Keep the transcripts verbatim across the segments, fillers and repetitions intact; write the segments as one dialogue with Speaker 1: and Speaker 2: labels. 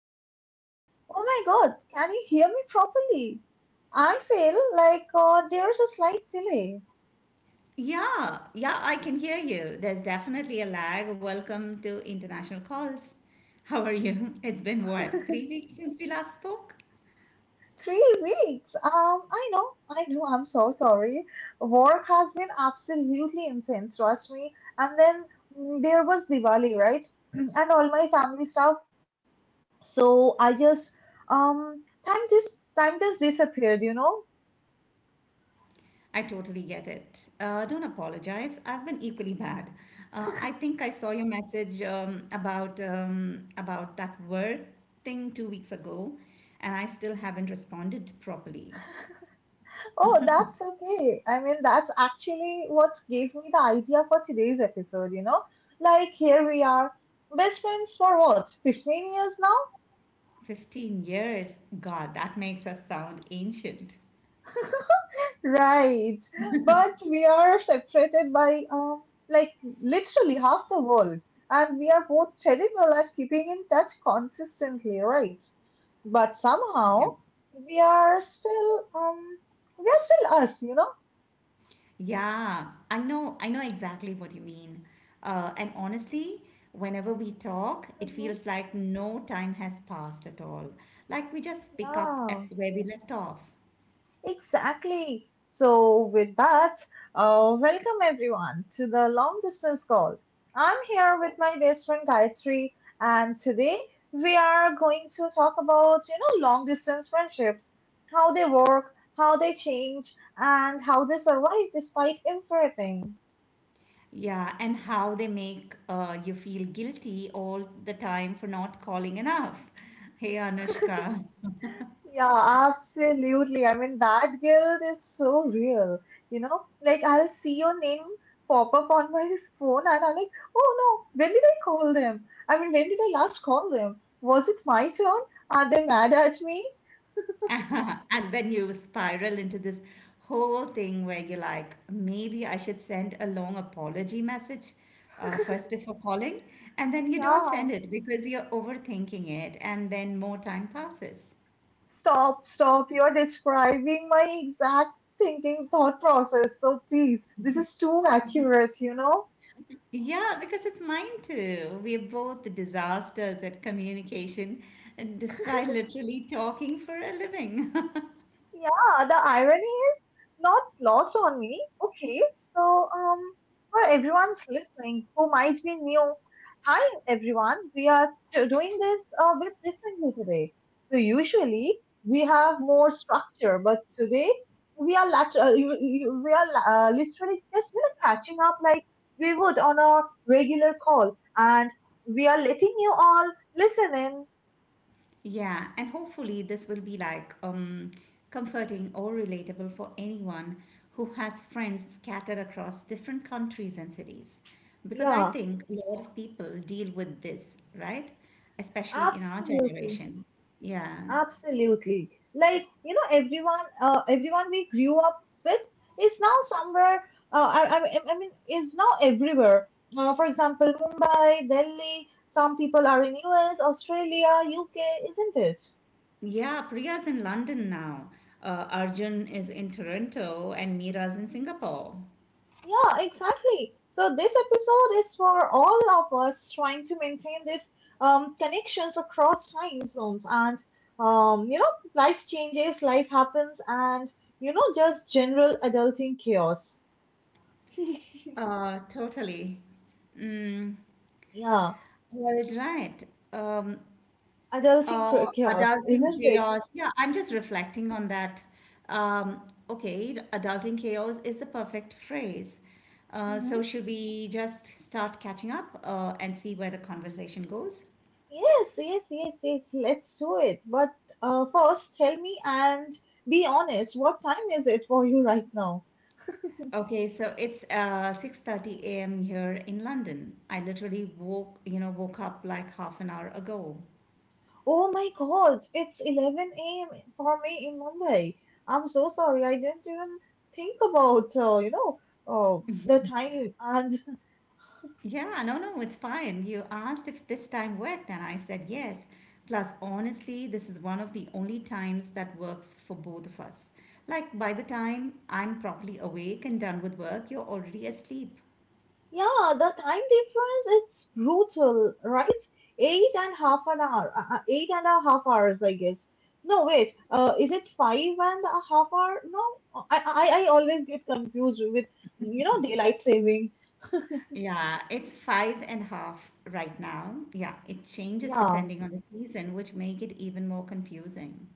Speaker 1: hello. Oh my God, can you hear me properly? I feel like uh, there's a slight delay.
Speaker 2: Yeah, yeah, I can hear you. There's definitely a lag. Welcome to International Calls. How are you? It's been what, three weeks since we last spoke?
Speaker 1: Three weeks. Um, I know, I know. I'm so sorry. Work has been absolutely intense, trust me. And then mm, there was Diwali, right? And all my family stuff. So I just um time just time just disappeared, you know.
Speaker 2: I totally get it. Uh, don't apologize. I've been equally bad. Uh, I think I saw your message um, about um, about that work thing two weeks ago, and I still haven't responded properly.
Speaker 1: Oh, that's okay. I mean, that's actually what gave me the idea for today's episode, you know? Like, here we are, best friends for what, fifteen years now?
Speaker 2: fifteen years. God, that makes us sound ancient.
Speaker 1: Right. But we are separated by, um, like, literally half the world. And we are both terrible at keeping in touch consistently, right? But
Speaker 2: Yeah.
Speaker 1: somehow, we are still, um, we are still us, you know?
Speaker 2: Yeah, I know, I know exactly what you mean. Uh, and honestly, whenever we talk, it
Speaker 1: Hmm.
Speaker 2: feels like no time has passed at all. Like we just pick up at
Speaker 1: Yeah.
Speaker 2: where we left off.
Speaker 1: Exactly. So, with that, uh, welcome everyone to the long distance call. I'm here with my best friend Gayatri, and today we are going to talk about you know long distance friendships, how they work, how they change, and how they survive despite everything.
Speaker 2: Yeah, and how they make uh, you feel guilty all the time for not calling enough. Hey, Anushka.
Speaker 1: Yeah, absolutely. I mean, that guilt is so real. You know, like I'll see your name pop up on my phone and I'm like, oh no, when did I call them? I mean, when did I last call them? Was it my turn? Are they mad at me?
Speaker 2: And then you spiral into this whole thing where you're like, maybe I should send a long apology message uh, first before calling. And then you don't
Speaker 1: Yeah.
Speaker 2: send it because you're overthinking it. And then more time passes.
Speaker 1: Stop, stop. You're describing my exact thinking thought process. So please, this is too accurate, you know?
Speaker 2: Yeah, because it's mine too. We're both disasters at communication, and despite literally talking for a living.
Speaker 1: Yeah, the irony is not lost on me. Okay, so um, for everyone's listening who might be new, hi everyone. We are t- doing this a bit differently today. So usually we have more structure, but today we are lat- uh, you, you, we are uh, literally just you know, catching up like we would on our regular call, and we are letting you all listen in.
Speaker 2: Yeah, and hopefully this will be like um, comforting or relatable for anyone who has friends scattered across different countries and cities. Because I
Speaker 1: Yeah,
Speaker 2: think a lot of people deal with this, right? Especially in our
Speaker 1: absolutely.
Speaker 2: generation. Yeah.
Speaker 1: Absolutely. Like, you know, everyone, uh, everyone we grew up with is now somewhere, uh, I, I, I mean, is now everywhere. Uh, for example, Mumbai, Delhi, some people are in U S, Australia, U K, isn't it?
Speaker 2: Yeah, Priya's in London now. Uh, Arjun is in Toronto and Mira's in
Speaker 1: Mhm.
Speaker 2: Singapore.
Speaker 1: Yeah, exactly. So this episode is for all of us trying to maintain these um, connections across time zones and, um, you know, life changes, life happens, and, you know, just general adulting chaos.
Speaker 2: Uh, totally. Mm,
Speaker 1: Yeah,
Speaker 2: well, right. Um,
Speaker 1: adulting
Speaker 2: Uh,
Speaker 1: cra- chaos,
Speaker 2: adulting
Speaker 1: isn't it?
Speaker 2: chaos. Yeah, I'm just reflecting on that. Um, okay, adulting chaos is the perfect phrase. Uh,
Speaker 1: Hmm.
Speaker 2: so should we just start catching up uh, and see where the conversation goes?
Speaker 1: Yes, yes, yes, yes. Let's do it. But uh, first, tell me and be honest. What time is it for you right now?
Speaker 2: Okay, so it's uh, six thirty a m here in London. I literally woke, you know, woke up like half an hour ago.
Speaker 1: Oh my God, it's eleven a m for me in Mumbai. I'm so sorry. I didn't even think about uh, you know uh, the time and
Speaker 2: Yeah, no, no, it's fine. You asked if this time worked, and I said yes. Plus, honestly, this is one of the only times that works for both of us. Like, by the time I'm properly awake and done with work, you're already asleep.
Speaker 1: yeah, the time difference it's brutal, right? Eight and half an hour, uh, uh, eight and a half hours, I guess. No, wait, uh, is it five and a half hour? No, I, I, I always get confused with, you know, daylight saving.
Speaker 2: Yeah, it's five and a half right now. Yeah, it changes
Speaker 1: Yeah.
Speaker 2: depending on the season, which make it even more confusing.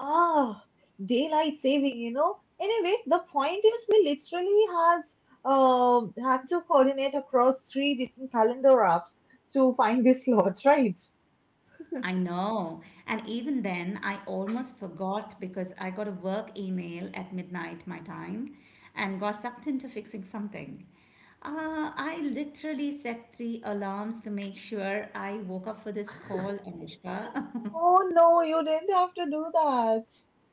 Speaker 1: Ah, daylight saving, you know. Anyway, the point is we literally had um had to coordinate across three different calendar apps to find this slot, right?
Speaker 2: I know. And even then, I almost forgot because I got a work email at midnight my time and got sucked into fixing something. Uh, I literally set three alarms to make sure I woke up for this call, Anushka.
Speaker 1: Oh no, you didn't have to do that.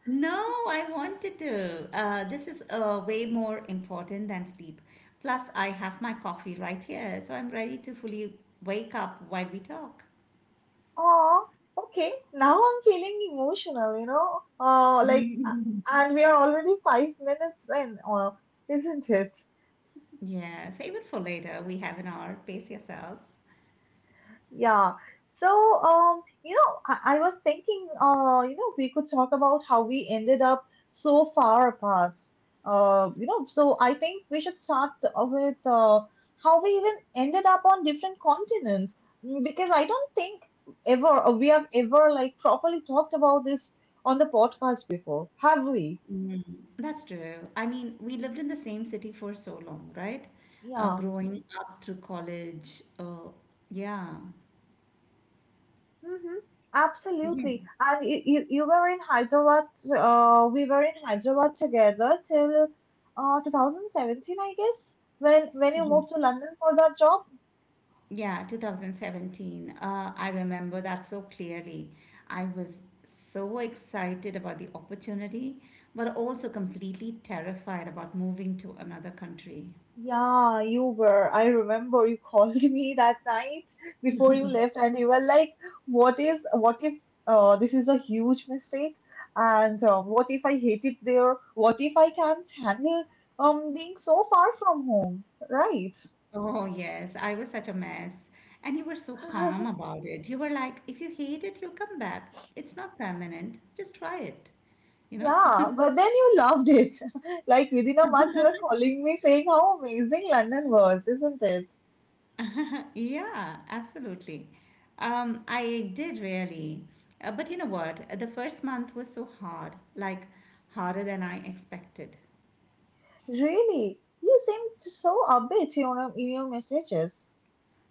Speaker 2: No, I wanted to. Uh, this is uh, way more important than sleep. Plus, I have my coffee right here, so I'm ready to fully wake up while we talk.
Speaker 1: Oh, okay. Now I'm feeling emotional, you know. Uh, like, uh, and we are already five minutes in, uh, isn't it?
Speaker 2: Yeah, save it for later. We have an hour. Pace yourself.
Speaker 1: Yeah. So, um, you know, I, I was thinking, uh, you know, we could talk about how we ended up so far apart. Uh, you know, so I think we should start uh, with uh, how we even ended up on different continents. Mm, because I don't think ever uh, we have ever like properly talked about this on the podcast before, have we?
Speaker 2: Mm, that's true. I mean, we lived in the same city for so long, right? Uh,
Speaker 1: Yeah.
Speaker 2: growing up through college. Uh, yeah.
Speaker 1: Hmm.
Speaker 2: Yeah.
Speaker 1: Absolutely. And you, you, you were in Hyderabad, uh, we were in Hyderabad together till uh, two thousand seventeen, I guess, when when you
Speaker 2: Mhm.
Speaker 1: moved to London for that job.
Speaker 2: Yeah, two thousand seventeen. Uh, I remember that so clearly. I was so excited about the opportunity, but also completely terrified about moving to another country.
Speaker 1: Yeah, you were. I remember you called me that night before you left, and you were like, "What is? What if uh, this is a huge mistake? And uh, what if I hate it there? What if I can't handle um being so far from home?" Right.
Speaker 2: Oh, yes, I was such a mess. And you were so calm about it. You were like, if you hate it, you'll come back. It's not permanent. Just try it. You know?
Speaker 1: Yeah, but then you loved it. Like within a month, you were calling me saying how amazing London was, isn't it?
Speaker 2: Yeah, absolutely. Um, I did really. Uh, but you know what? The first month was so hard, like harder than I expected.
Speaker 1: Really, you seemed so upbeat in your, in your messages.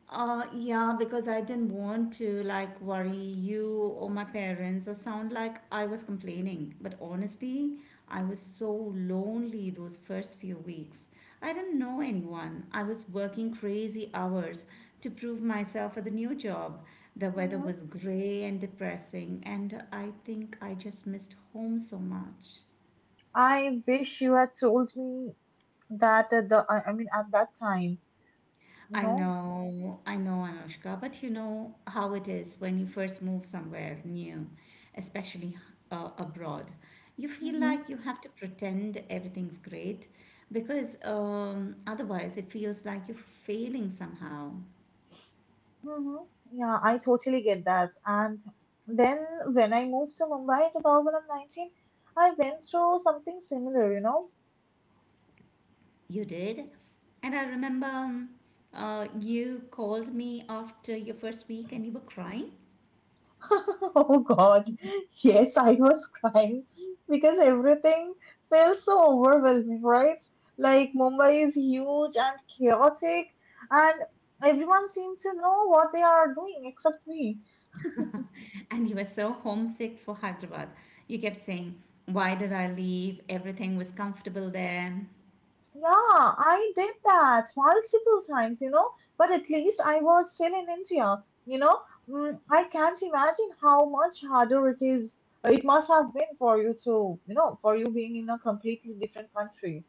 Speaker 2: Uh, yeah, because I didn't want to like worry you or my parents or sound like I was complaining. But honestly, I was so lonely those first few weeks. I didn't know anyone. I was working crazy hours to prove myself at the new job. The weather
Speaker 1: Mhm.
Speaker 2: was gray and depressing, and I think I just missed home so much.
Speaker 1: I wish you had told me that at the, I I mean, at that time, you
Speaker 2: I
Speaker 1: know.
Speaker 2: know, I know, Anushka, but you know how it is when you first move somewhere new, especially uh, abroad. You feel
Speaker 1: Hmm.
Speaker 2: like you have to pretend everything's great because um, otherwise it feels like you're failing somehow.
Speaker 1: Hmm. Yeah, I totally get that. And then when I moved to Mumbai in twenty nineteen, I went through something similar, you know.
Speaker 2: You did. And I remember um, uh, you called me after your first week and you were crying
Speaker 1: Oh God, yes, I was crying because everything feels so overwhelming, right? Like Mumbai is huge and chaotic, and everyone seems to know what they are doing except me.
Speaker 2: and you were so homesick for Hyderabad. You kept saying, why did I leave? Everything was comfortable there.
Speaker 1: Yeah, I did that multiple times, you know, but at least I was still in India, you know. Mm, I can't imagine how much harder it is. It must have been for you to, you know, for you being in a completely different country.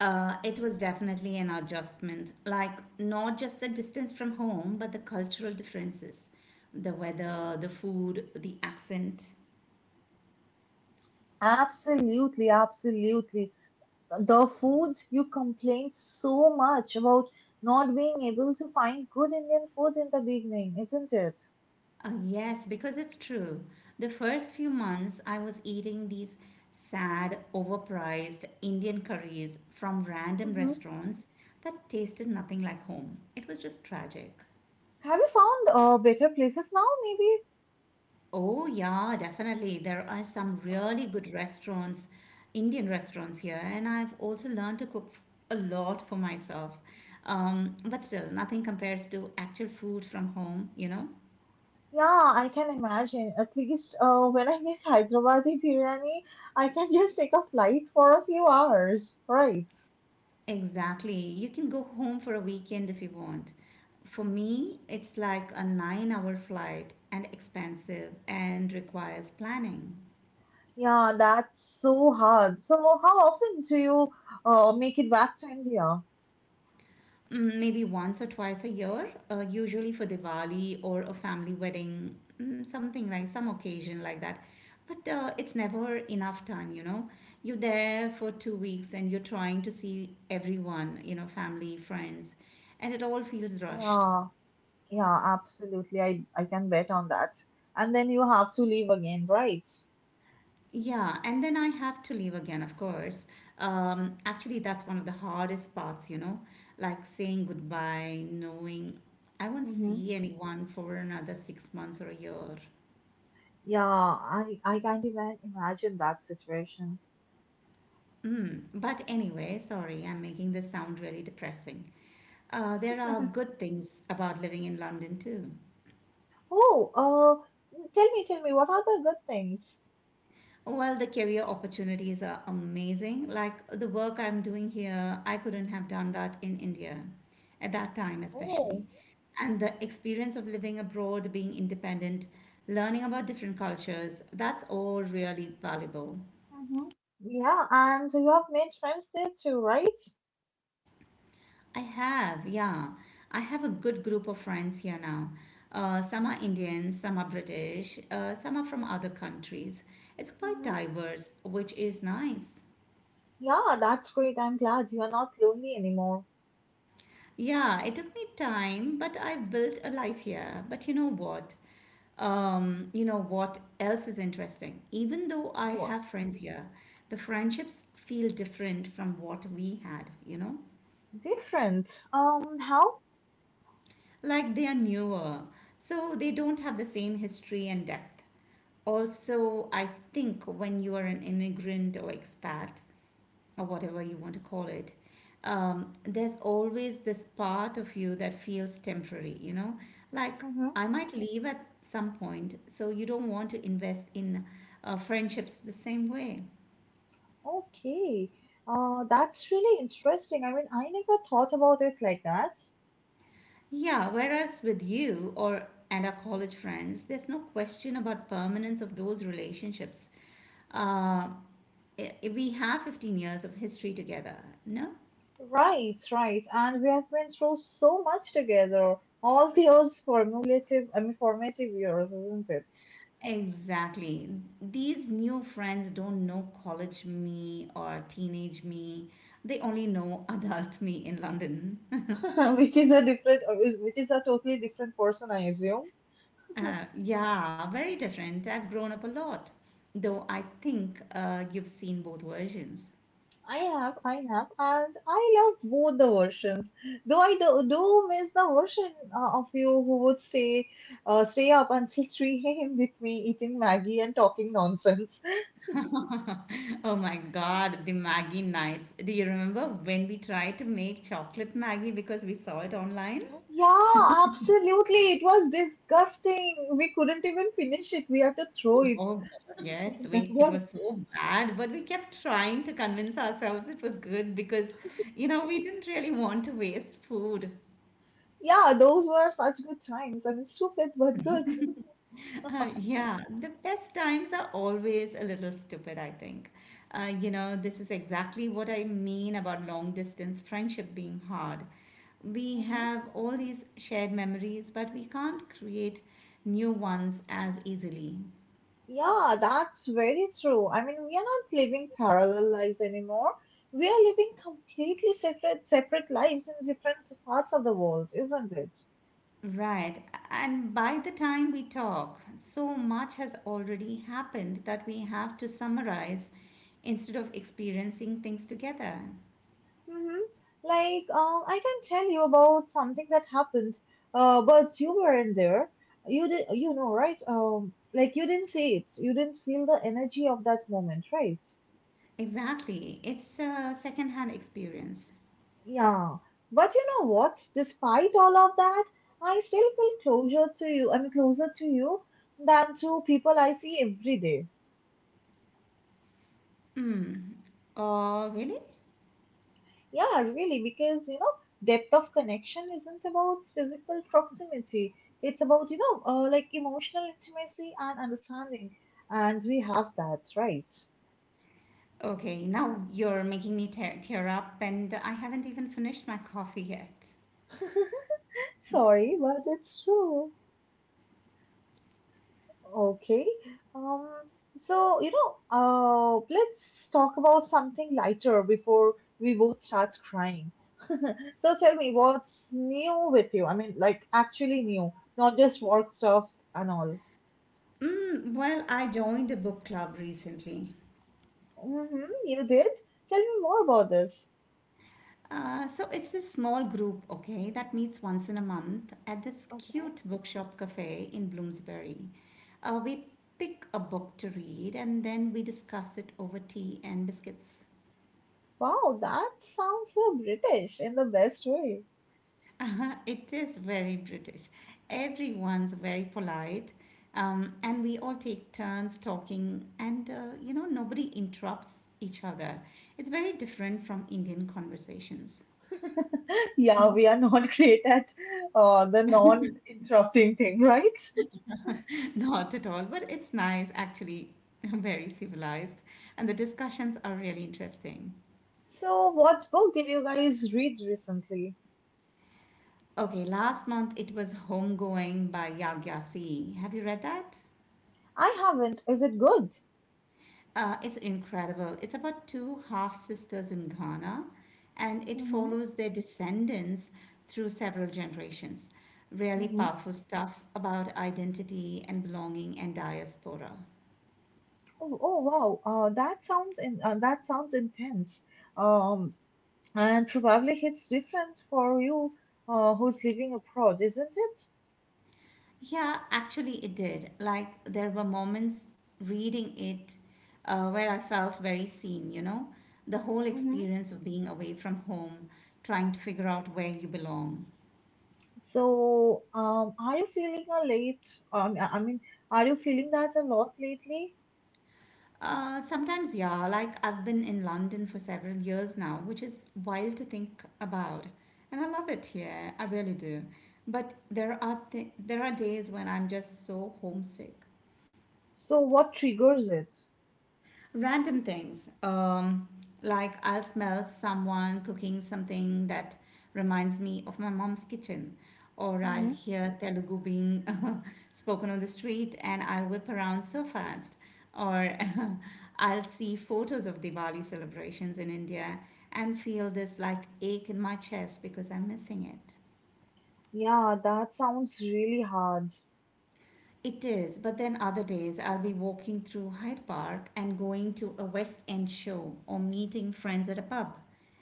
Speaker 2: Uh, it was definitely an adjustment, like not just the distance from home, but the cultural differences, the weather, the food, the accent.
Speaker 1: Absolutely, absolutely. The foods you complained so much about not being able to find good Indian food in the beginning, isn't it?
Speaker 2: Uh, yes, because it's true. The first few months, I was eating these sad, overpriced Indian curries from random
Speaker 1: Hmm.
Speaker 2: restaurants that tasted nothing like home. It was just tragic.
Speaker 1: Have you found uh, better places now, maybe?
Speaker 2: Oh, yeah, definitely. There are some really good restaurants, Indian restaurants here, and I've also learned to cook f- a lot for myself. Um, but still, nothing compares to actual food from home, you know?
Speaker 1: Yeah, I can imagine. At least uh, when I miss Hyderabadi biryani, I can just take a flight for a few hours, right?
Speaker 2: Exactly. You can go home for a weekend if you want. For me, it's like a nine hour flight and expensive and requires planning.
Speaker 1: Yeah, that's so hard. So, how often do you uh, make it back to India?
Speaker 2: Mm, maybe once or twice a year, uh, usually for Diwali or a family wedding, mm, something like some occasion like that. But uh, it's never enough time, you know. You're there for two weeks and you're trying to see everyone, you know, family, friends, and it all feels rushed.
Speaker 1: Yeah. Yeah, absolutely. I, I can bet on that. And then you have to leave again, right?
Speaker 2: Yeah, and then I have to leave again, of course. Um, actually, that's one of the hardest parts, you know, like saying goodbye, knowing I won't
Speaker 1: Mm-hmm.
Speaker 2: see anyone for another six months or a year.
Speaker 1: Yeah, I, I can't even imagine that situation.
Speaker 2: Mm, but anyway, sorry, I'm making this sound really depressing. Uh, there are good things about living in London too.
Speaker 1: Oh, uh, tell me, tell me, what are the good things?
Speaker 2: Well, the career opportunities are amazing. Like the work I'm doing here, I couldn't have done that in India, at that time especially.
Speaker 1: Oh,
Speaker 2: And the experience of living abroad, being independent, learning about different cultures, that's all really valuable.
Speaker 1: mm-hmm, yeah, and you have made friends there too, right?
Speaker 2: I have, yeah. I have a good group of friends here now. Uh, some are Indian, some are British, uh, some are from other countries. It's quite
Speaker 1: Mm-hmm.
Speaker 2: diverse, which is nice.
Speaker 1: Yeah, that's great. I'm glad you are not lonely anymore.
Speaker 2: Yeah, it took me time, but I built a life here. But you know what? Um, you know what else is interesting? Even though I
Speaker 1: What?
Speaker 2: have friends here, the friendships feel different from what we had, you know?
Speaker 1: Different. Um, how?
Speaker 2: Like they are newer, so they don't have the same history and depth. Also, I think when you are an immigrant or expat or whatever you want to call it, um, there's always this part of you that feels temporary, you know, like
Speaker 1: Mm-hmm.
Speaker 2: I might leave at some point, so you don't want to invest in uh, friendships the same way.
Speaker 1: Okay. Uh, that's really interesting. I mean, I never thought about it like that.
Speaker 2: Yeah, whereas with you or and our college friends, there's no question about permanence of those relationships. uh, i- we have fifteen years of history together, no?
Speaker 1: Right, right. And we have been through so much together, all those formulative, I mean, formative years, isn't it?
Speaker 2: Exactly. These new friends don't know college me or teenage me. They only know adult me in London.
Speaker 1: Which is a different, which is a totally different person, I assume.
Speaker 2: Uh, yeah, very different. I've grown up a lot. Though I think uh, you've seen both versions.
Speaker 1: I have, I have, and I love both the versions. Though I do, do miss the version uh, of you who would stay, uh, stay up until three a m with me, eating Maggie and talking nonsense.
Speaker 2: Oh my god, the Maggie nights. Do you remember when we tried to make chocolate Maggie because we saw it online?
Speaker 1: Yeah, absolutely. It was disgusting. We couldn't even finish it. We had to throw it.
Speaker 2: Oh God, yes,
Speaker 1: That
Speaker 2: we it
Speaker 1: were,
Speaker 2: was so bad, but we kept trying to convince ourselves it was good because, you know, we didn't really want to waste food.
Speaker 1: yeah, those were such good times. I mean, stupid but good.
Speaker 2: Uh, yeah, the best times are always a little stupid, I think. Uh, you know, this is exactly what I mean about long distance friendship being hard. We
Speaker 1: Hmm.
Speaker 2: have all these shared memories, but we can't create new ones as easily.
Speaker 1: Yeah, that's very true. I mean, we are not living parallel lives anymore. We are living completely separate, separate lives in different parts of the world, isn't it?
Speaker 2: Right. And by the time we talk, so much has already happened that we have to summarize instead of experiencing things together.
Speaker 1: Mm-hmm. Like, um, I can tell you about something that happened, uh, but you weren't there. You did, you know, right? Um, like you didn't see it. You didn't feel the energy of that moment, right?
Speaker 2: Exactly. It's a secondhand experience.
Speaker 1: Yeah, but you know what? Despite all of that, I still feel closer to you. I mean, closer to you than to people I see every day.
Speaker 2: Hmm. Oh, really?
Speaker 1: Yeah, really, because you know, depth of connection isn't about physical proximity. It's about you know, uh, like emotional intimacy and understanding, and we have that, right?
Speaker 2: Okay, now you're making me tear, tear up, and I haven't even finished my coffee yet.
Speaker 1: Sorry, but it's true. Okay. Um, so, you know, uh, let's talk about something lighter before we both start crying. So tell me, what's new with you? I mean, like actually new, not just work stuff and all.
Speaker 2: Mm, well, I joined a book club recently.
Speaker 1: Mm-hmm, you did? Tell me more about this.
Speaker 2: Uh, so it's a small group, okay, that meets once in a month at this
Speaker 1: Okay.
Speaker 2: cute bookshop cafe in Bloomsbury. Uh, we pick a book to read and then we discuss it over tea and biscuits.
Speaker 1: Wow, that sounds so British in the best way.
Speaker 2: It is very British. Everyone's very polite, um, and we all take turns talking, and uh, you know, nobody interrupts each other. It's very different from Indian conversations.
Speaker 1: Yeah, we are not great at uh, the non-interrupting thing, right?
Speaker 2: Not at all, but it's nice, actually, very civilized, and the discussions are really interesting.
Speaker 1: So, what book did you guys read recently?
Speaker 2: Okay, last month it was Homegoing by Yagyasi. Have you read that?
Speaker 1: I haven't. Is it good?
Speaker 2: Uh, it's incredible. It's about two half sisters in Ghana, and it
Speaker 1: Mm-hmm.
Speaker 2: follows their descendants through several generations. Really
Speaker 1: Mm-hmm.
Speaker 2: powerful stuff about identity and belonging and diaspora.
Speaker 1: Oh, oh wow. Uh, that sounds in, uh, that sounds intense. Um, and probably hits different for you, uh, who's living abroad, isn't it?
Speaker 2: Yeah, actually, it did. Like, there were moments reading it uh, where I felt very seen, you know? The whole
Speaker 1: Mm-hmm.
Speaker 2: experience of being away from home, trying to figure out where you belong.
Speaker 1: So, um, are you feeling a late? Um, I I mean, are you feeling that a lot lately?
Speaker 2: Uh, sometimes, yeah, like I've been in London for several years now, which is wild to think about. And I love it here, I really do. But there are th- there are days when I'm just so homesick.
Speaker 1: So, what triggers it?
Speaker 2: Random things. Um, like I'll smell someone cooking something that reminds me of my mom's kitchen, or I'll
Speaker 1: Mm-hmm.
Speaker 2: hear Telugu being spoken on the street and I'll whip around so fast, or I'll see photos of Diwali celebrations in India and feel this like ache in my chest because I'm missing it.
Speaker 1: Yeah, that sounds really hard. So
Speaker 2: It is, but then other days I'll be walking through Hyde Park and going to a West End show or meeting friends at a pub.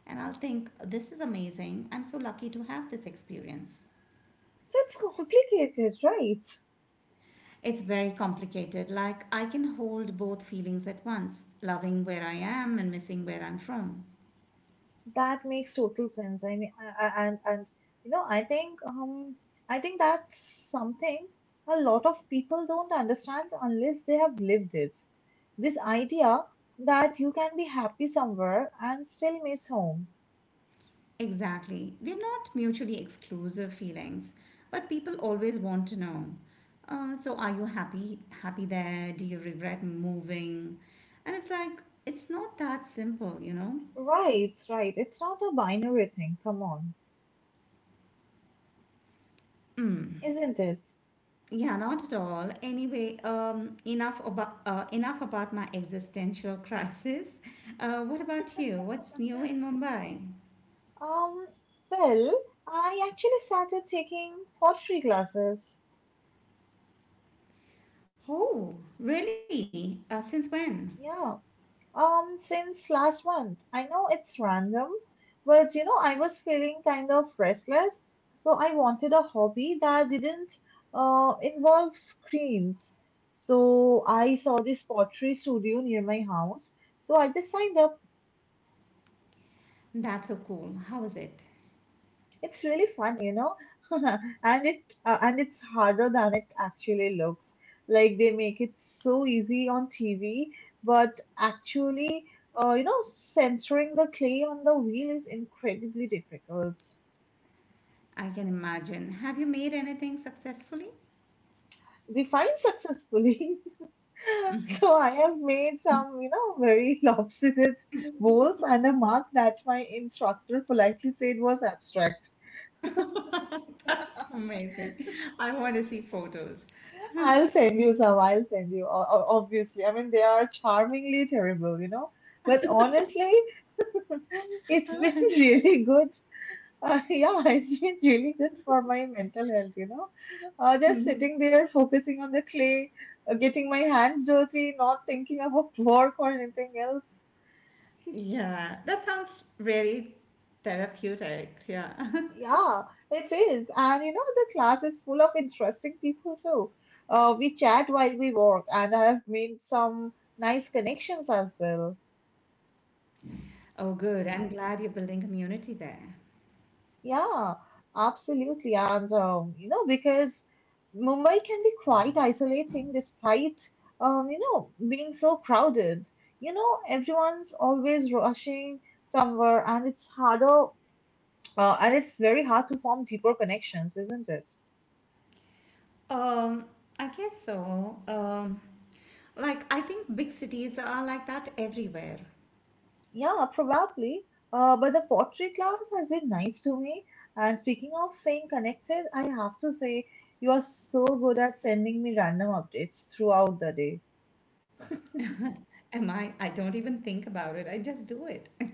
Speaker 2: And I'll think, this is amazing. I'm so lucky to have this experience.
Speaker 1: it's complicated, right?
Speaker 2: It's very complicated. Like, I can hold both feelings at once loving where I am and missing where I'm from.
Speaker 1: That makes total sense. I mean, I- I- and and you know, I think um, I think that's something a lot of people don't understand unless they have lived it. This idea that you can be happy somewhere and still miss home.
Speaker 2: Exactly. They're not mutually exclusive feelings, but people always want to know. Uh, so are you happy happy there? Do you regret moving? And it's like it's not that simple, you know?
Speaker 1: Right, right. It's not a binary thing. Come on,
Speaker 2: Mm.
Speaker 1: isn't it?
Speaker 2: Yeah, not at all. Anyway, um, enough about uh, enough about my existential crisis. Uh, what about you? What's new in Mumbai?
Speaker 1: Um, well, I actually started taking pottery classes.
Speaker 2: Oh, really? Uh, since when?
Speaker 1: Yeah, um, since last month. I know it's random, but you know, I was feeling kind of restless, so I wanted a hobby that didn't uh, involve screens. So I saw this pottery studio near my house. So I just signed up.
Speaker 2: That's so cool. How is it?
Speaker 1: It's really fun, you know, and it uh, and it's harder than it actually looks. Like they make it so easy on T V, but actually, uh, you know, censoring the clay on the wheel is incredibly difficult.
Speaker 2: I can imagine. Have you made anything successfully?
Speaker 1: Defined successfully. So I have made some, you know, very lopsided bowls and a mark that my instructor politely said was abstract.
Speaker 2: That's amazing. I want to see photos.
Speaker 1: I'll send you some. I'll send you. O- o- Obviously, I mean they are charmingly terrible, you know. But honestly, it's been really good. Uh, yeah, it's been really good for my mental health, you know. Uh, just
Speaker 2: Mhm.
Speaker 1: sitting there focusing on the clay, uh, getting my hands dirty, not thinking about work or anything else.
Speaker 2: Yeah, that sounds really therapeutic. Yeah.
Speaker 1: Yeah, it is. And you know, the class is full of interesting people too. Uh, we chat while we work, and I have made some nice connections as well.
Speaker 2: Oh, good. I'm glad you're building community there.
Speaker 1: Yeah, absolutely. And, um, you know, because Mumbai can be quite isolating despite, um, you know, being so crowded. You know, everyone's always rushing somewhere, and it's harder, uh, and it's very hard to form deeper connections, isn't it?
Speaker 2: Um, I guess so. Um, like I think big cities are like that everywhere.
Speaker 1: Yeah, probably. Uh, but the pottery class has been nice to me. And speaking of staying connected, I have to say, you are so good at sending me random updates throughout the day.
Speaker 2: Am I? I don't even think about it. I just do it.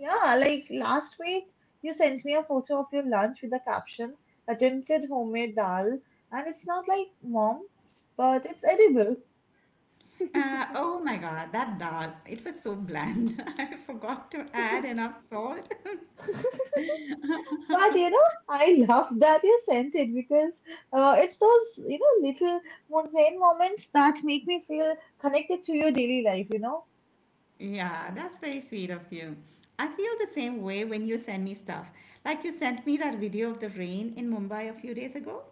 Speaker 1: Yeah, like last week, you sent me a photo of your lunch with the caption attempted homemade dal, and it's not like mom's, but it's edible.
Speaker 2: Uh, oh my God, that dal. It was so bland. I forgot to add enough salt.
Speaker 1: But you know, I love that you sent it because uh, it's those you know little mundane moments that make me feel connected to your daily life. You know,
Speaker 2: Yeah, that's very sweet of you. I feel the same way when you send me stuff. Like you sent me that video of the rain in Mumbai a few days ago.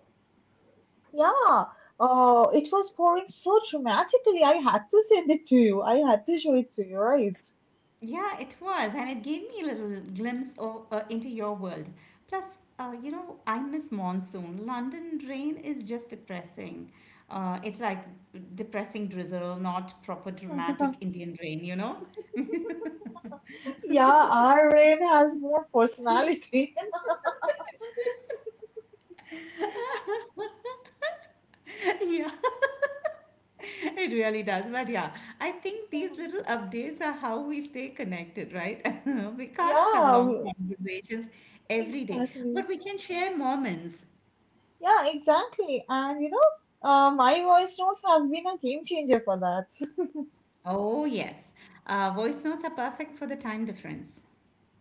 Speaker 1: yeah. Uh, it was pouring so dramatically. I had to send it to you. I had to show it to you, right?
Speaker 2: Yeah, it was, and it gave me a little glimpse of, uh, into your world. Plus, uh, you know, I miss monsoon. London rain is just depressing. Uh, it's like depressing drizzle, not proper dramatic Indian rain, you know?
Speaker 1: Yeah, our rain has more personality.
Speaker 2: Yeah. It really does. But yeah, I think
Speaker 1: Yeah,
Speaker 2: these little updates are how we stay connected, right? We can't have
Speaker 1: yeah,
Speaker 2: long
Speaker 1: w-
Speaker 2: conversations every day,
Speaker 1: exactly.
Speaker 2: but we can share moments.
Speaker 1: Yeah, exactly. And you know, uh, my voice notes have been a game changer for that.
Speaker 2: Oh, yes. Uh, voice notes are perfect for the time difference.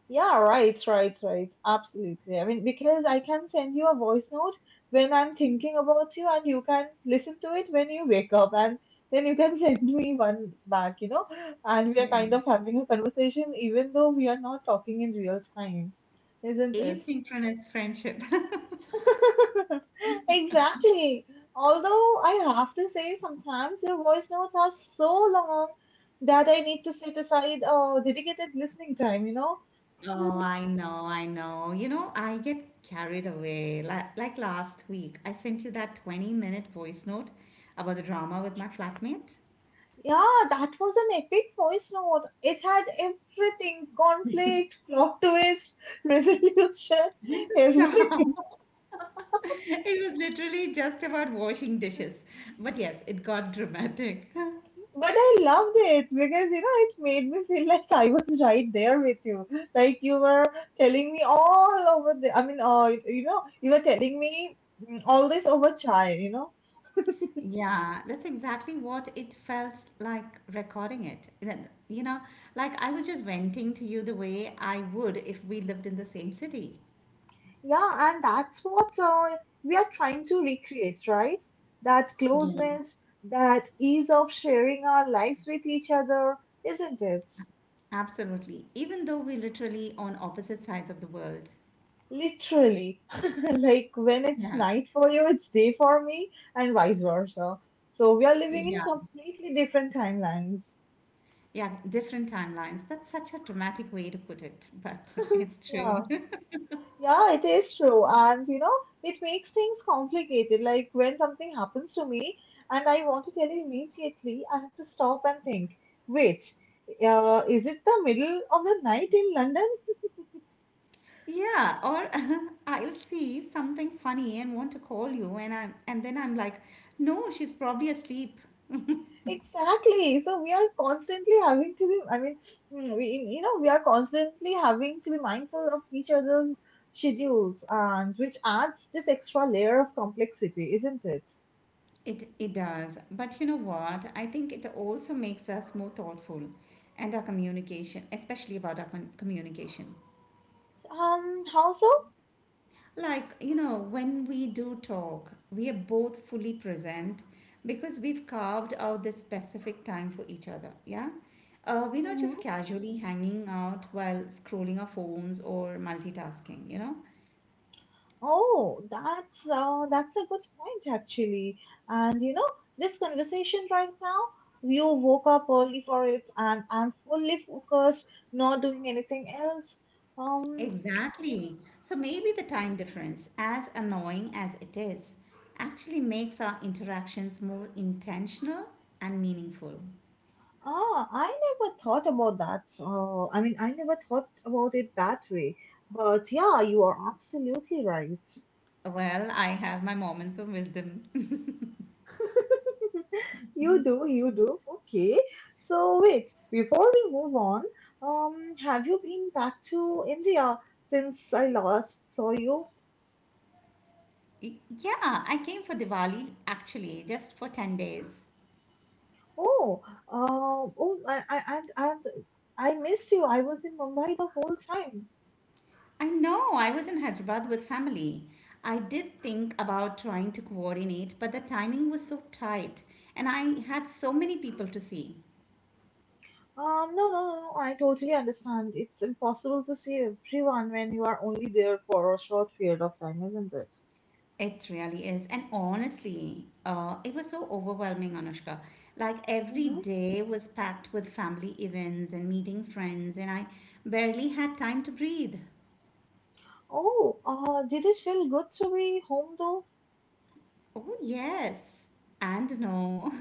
Speaker 1: Yeah, right, right, right. Absolutely. I mean, because I can send you a voice note when I'm thinking about you, and you can listen to it when you wake up, and then you can send me one back, you know, and we are
Speaker 2: Yeah.
Speaker 1: kind of having a conversation even though we are not talking in real time, isn't it?
Speaker 2: Asynchronous friendship.
Speaker 1: Exactly. Although I have to say, sometimes your voice notes are so long that I need to set aside a dedicated listening time, you know?
Speaker 2: Oh, I know, I know. You know, I get carried away. Like, like last week, I sent you that twenty minute voice note about the drama with my flatmate.
Speaker 1: Yeah, that was an epic voice note. It had everything, conflict, plot twist, resolution, everything.
Speaker 2: Stop. It was literally just about washing dishes. But yes, it got dramatic.
Speaker 1: But I loved it because you know it made me feel like I was right there with you. Like you were telling me all over the. I mean, uh, you know, you were telling me mm, all this over chai. You know,
Speaker 2: Yeah, that's exactly what it felt like recording it. Then, you know, like I was just venting to you the way I would if we lived in the same city.
Speaker 1: yeah, and that's what uh, we are trying to recreate, right? That
Speaker 2: Yeah,
Speaker 1: closeness, that ease of sharing our lives with each other, isn't it?
Speaker 2: absolutely. Even though we're literally on opposite sides of the world.
Speaker 1: Literally, like when it's
Speaker 2: Yeah,
Speaker 1: night for you, it's day for me, and vice versa. So we are living in
Speaker 2: yeah,
Speaker 1: completely different timelines.
Speaker 2: yeah, different timelines. That's such a dramatic way to put it, but it's true.
Speaker 1: Yeah, yeah, it is true. And you know, it makes things complicated. Like when something happens to me and I want to tell you immediately, I have to stop and think, wait, uh, is it the middle of the night in London?
Speaker 2: Yeah, or I'll see something funny and want to call you and I'm and then I'm like, "No, she's probably asleep."
Speaker 1: Exactly. So we are constantly having to be, I mean, mm, we, you know, we are constantly having to be mindful of each other's schedules, and which adds this extra layer of complexity, isn't it?
Speaker 2: It it does. But you know what? I think it also makes us more thoughtful and our communication, especially about our con- communication.
Speaker 1: Um, how so?
Speaker 2: Like, you know, when we do talk, we are both fully present because we've carved out this specific time for each other. Yeah? Uh, we're not just
Speaker 1: Hmm.
Speaker 2: casually hanging out while scrolling our phones or multitasking, you know?
Speaker 1: Oh, that's uh, that's a good point actually. And you know, this conversation right now, you woke up early for it, and I'm fully focused, not doing anything else. Um,
Speaker 2: Exactly. So
Speaker 1: mhm.
Speaker 2: maybe the time difference, as annoying as it is, actually makes our interactions more intentional and meaningful.
Speaker 1: Ah, I never thought about that. So, I mean, I never thought about it that way. But yeah, you are absolutely right.
Speaker 2: Well, I have my moments of wisdom.
Speaker 1: You do, you do. Okay. So, wait, before we move on, um, have you been back to India since I last saw you?
Speaker 2: Y- Yeah, I came for Diwali actually, just for ten days.
Speaker 1: Oh, uh, oh, I, I, and, and I missed you. I was in Mumbai the whole time.
Speaker 2: I know, I was in Hyderabad with family. I did think about trying to coordinate, but the timing was so tight and I had so many people to see.
Speaker 1: Um, no, no, no, no, I totally understand. It's impossible to see everyone when you are only there for a short period of time, isn't it?
Speaker 2: It really is. And honestly, uh, it was so overwhelming, Anushka. Like every
Speaker 1: Mm-hmm.
Speaker 2: day was packed with family events and meeting friends, and I barely had time to breathe.
Speaker 1: Oh, uh, did it feel good to be home though?
Speaker 2: Oh, yes, and no.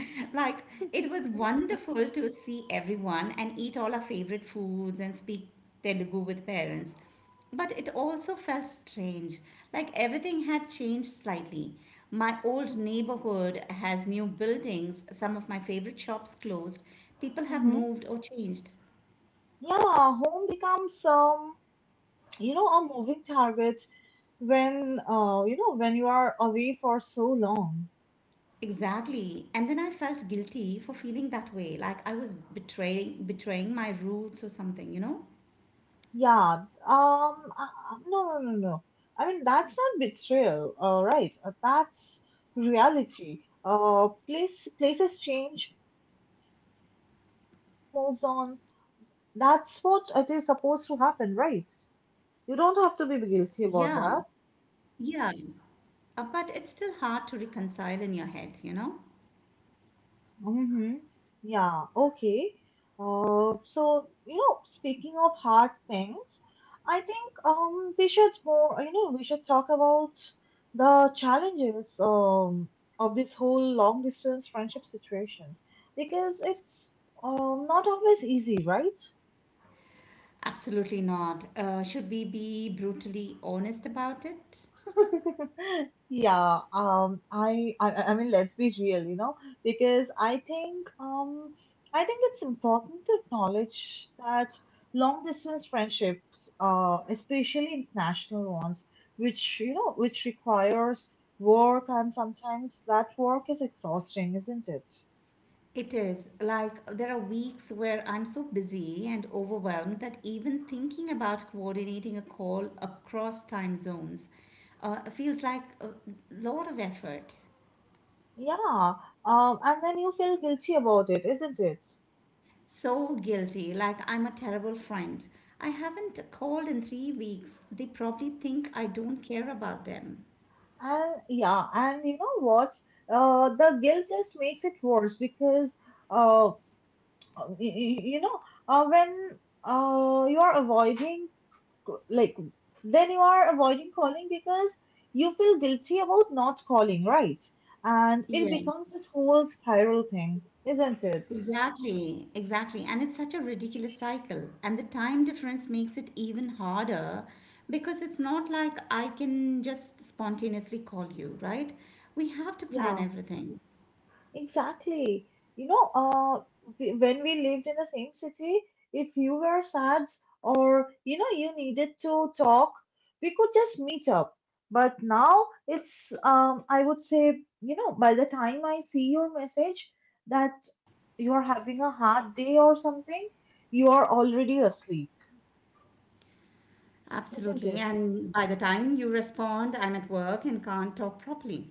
Speaker 2: Like, it was wonderful to see everyone and eat all our favorite foods and speak Telugu with parents. But it also felt strange. Like, everything had changed slightly. My old neighborhood has new buildings, some of my favorite shops closed, people have
Speaker 1: Mm-hmm.
Speaker 2: moved or changed.
Speaker 1: Yeah, home becomes um, you know, a moving target when uh, you know, when you are away for so long.
Speaker 2: Exactly. And then I felt guilty for feeling that way, like I was betraying betraying my roots or something, you know?
Speaker 1: Yeah, um, uh, uh, no, no, no, no. I mean, that's not betrayal, uh, right? Uh, that's reality. Uh, place, places change, uh, people change, life moves on. That's what it is supposed to happen, right? You don't have to be guilty about
Speaker 2: Yeah.
Speaker 1: that.
Speaker 2: Yeah, uh, but it's still hard to reconcile in your head, you know?
Speaker 1: Mm-hmm. Yeah, okay. Uh, so, you know, speaking of hard things, I think um we should more, you know, we should talk about the challenges um of this whole long distance friendship situation because it's um not always easy, right?
Speaker 2: Absolutely not. Uh, should we be brutally honest about it?
Speaker 1: Yeah, um, I, I, I I mean, let's be real, you know, because I think, um, I think it's important to acknowledge that long distance friendships, uh, especially international ones, which, you know, which requires work and sometimes that work is exhausting, isn't it?
Speaker 2: It is. Like, there are weeks where I'm so busy and overwhelmed that even thinking about coordinating a call across time zones uh, feels like a lot of effort.
Speaker 1: Yeah, um, and then you feel guilty about it, isn't it?
Speaker 2: So guilty, like I'm a terrible friend. I haven't called in three weeks. They probably think I don't care about them.
Speaker 1: And yeah, and you know what? Uh, the guilt just makes it worse because uh, y- y- you know, uh, when uh you are avoiding c- like then you are avoiding calling because you feel guilty about not calling, right? And it
Speaker 2: Yeah.
Speaker 1: becomes this whole spiral thing, isn't it?
Speaker 2: Exactly, exactly. And it's such a ridiculous cycle. And the time difference makes it even harder because it's not like I can just spontaneously call you, right? We have to plan
Speaker 1: Yeah.
Speaker 2: everything.
Speaker 1: Exactly. You know, uh, we- when we lived in the same city, if you were sad or you know you needed to talk, we could just meet up. But now it's um, I would say, you know, by the time I see your message that you're having a hard day or something, you are already asleep, isn't
Speaker 2: Absolutely.
Speaker 1: it?
Speaker 2: And by the time you respond, I'm at work and can't talk properly.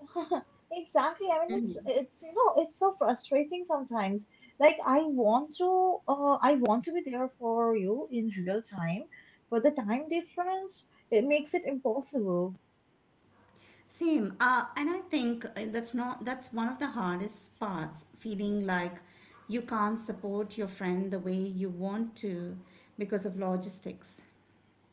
Speaker 1: Exactly. I mean, it's
Speaker 2: Mhm.
Speaker 1: it's you know, it's so frustrating sometimes. Like I want to, uh, I want to be there for you in real time, but the time difference it makes it impossible.
Speaker 2: Same. Uh, and I think uh, that's not that's one of the hardest parts, feeling like you can't support your friend the way you want to because of logistics.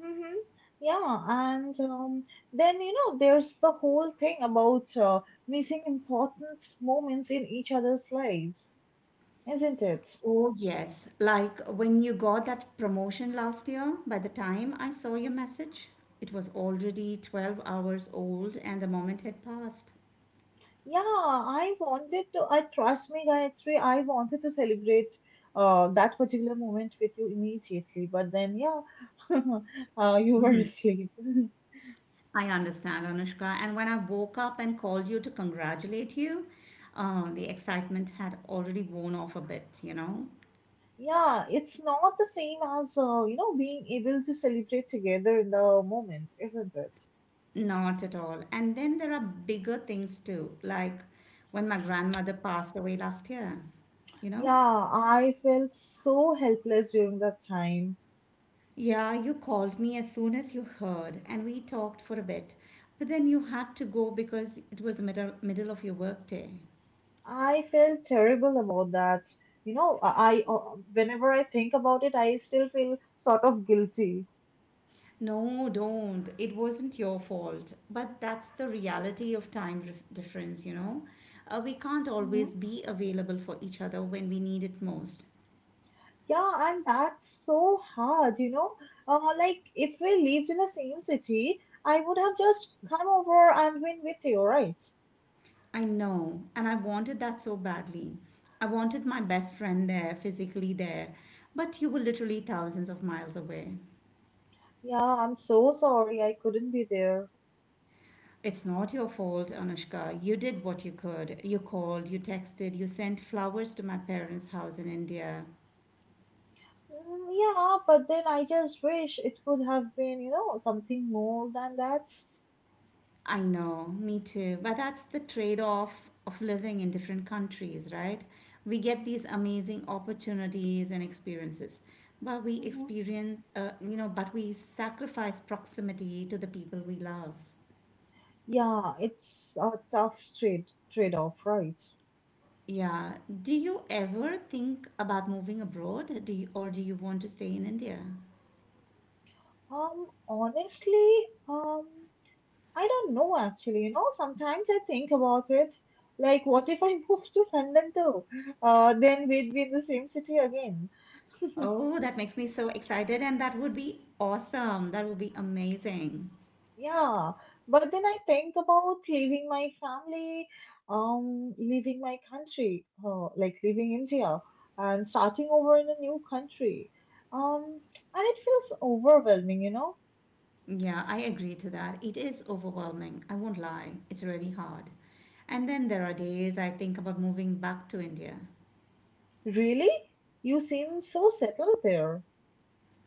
Speaker 1: Mm-hmm. Yeah, and um, then you know, there's the whole thing about uh, missing important moments in each other's lives, isn't it?
Speaker 2: Oh, yes. Like when you got that promotion last year, by the time I saw your message, it was already twelve hours old and the moment had passed.
Speaker 1: Yeah, I wanted to. I trust me, Gayatri. I wanted to celebrate uh, that particular moment with you immediately, but then yeah, uh, you were asleep.
Speaker 2: I understand, Anushka. And when I woke up and called you to congratulate you, uh, the excitement had already worn off a bit, you know?
Speaker 1: Yeah, it's not the same as uh, you know being able to celebrate together in the moment, isn't it?
Speaker 2: Not at all. And then there are bigger things too, like when my grandmother passed away last year, you know?
Speaker 1: Yeah, I felt so helpless during that time.
Speaker 2: Yeah, you called me as soon as you heard, and we talked for a bit. But then you had to go because it was the middle, middle of your workday.
Speaker 1: I felt terrible about that. You know, I I- uh, whenever I think about it, I still feel sort of guilty.
Speaker 2: No, don't. It wasn't your fault. But that's the reality of time ref- difference, you know? Uh, we can't
Speaker 1: Mm-hmm.
Speaker 2: always be available for each other when we need it most.
Speaker 1: Yeah, and that's so hard, you know. Uh, like, if we lived in the same city, I would have just come over and been with you, right?
Speaker 2: I know, and I wanted that so badly. I wanted my best friend there, physically there, but you were literally thousands of miles away.
Speaker 1: Yeah, I'm so sorry I couldn't be there.
Speaker 2: It's not your fault, Anushka. You did what you could. You called, you texted, you sent flowers to my parents' house in India.
Speaker 1: Mm, yeah, but then I just wish it could have been, you know, something more than that.
Speaker 2: I know, me too. But that's the trade off of living in different countries, right? We get these amazing opportunities and experiences, but we
Speaker 1: Hmm.
Speaker 2: experience, uh, you know, but we sacrifice proximity to the people we love.
Speaker 1: Yeah, it's a tough trade trade-off, right?
Speaker 2: Yeah. Do you ever think about moving abroad? Do you, or do you want to stay in India?
Speaker 1: Um, honestly, um, I don't know actually. You know, sometimes I think about it. Like, what if I move to London too? Uh, then we'd be in the same city again.
Speaker 2: Oh, that makes me so excited, and that would be awesome. That would be amazing.
Speaker 1: Yeah. But then I think about leaving my family, um, leaving my country, uh, like leaving India and starting over in a new country. Um, and it feels overwhelming, you know.
Speaker 2: Yeah, I agree to that. It is overwhelming. I won't lie, it's really hard. And then there are days I think about moving back to India.
Speaker 1: Really? You seem so settled there.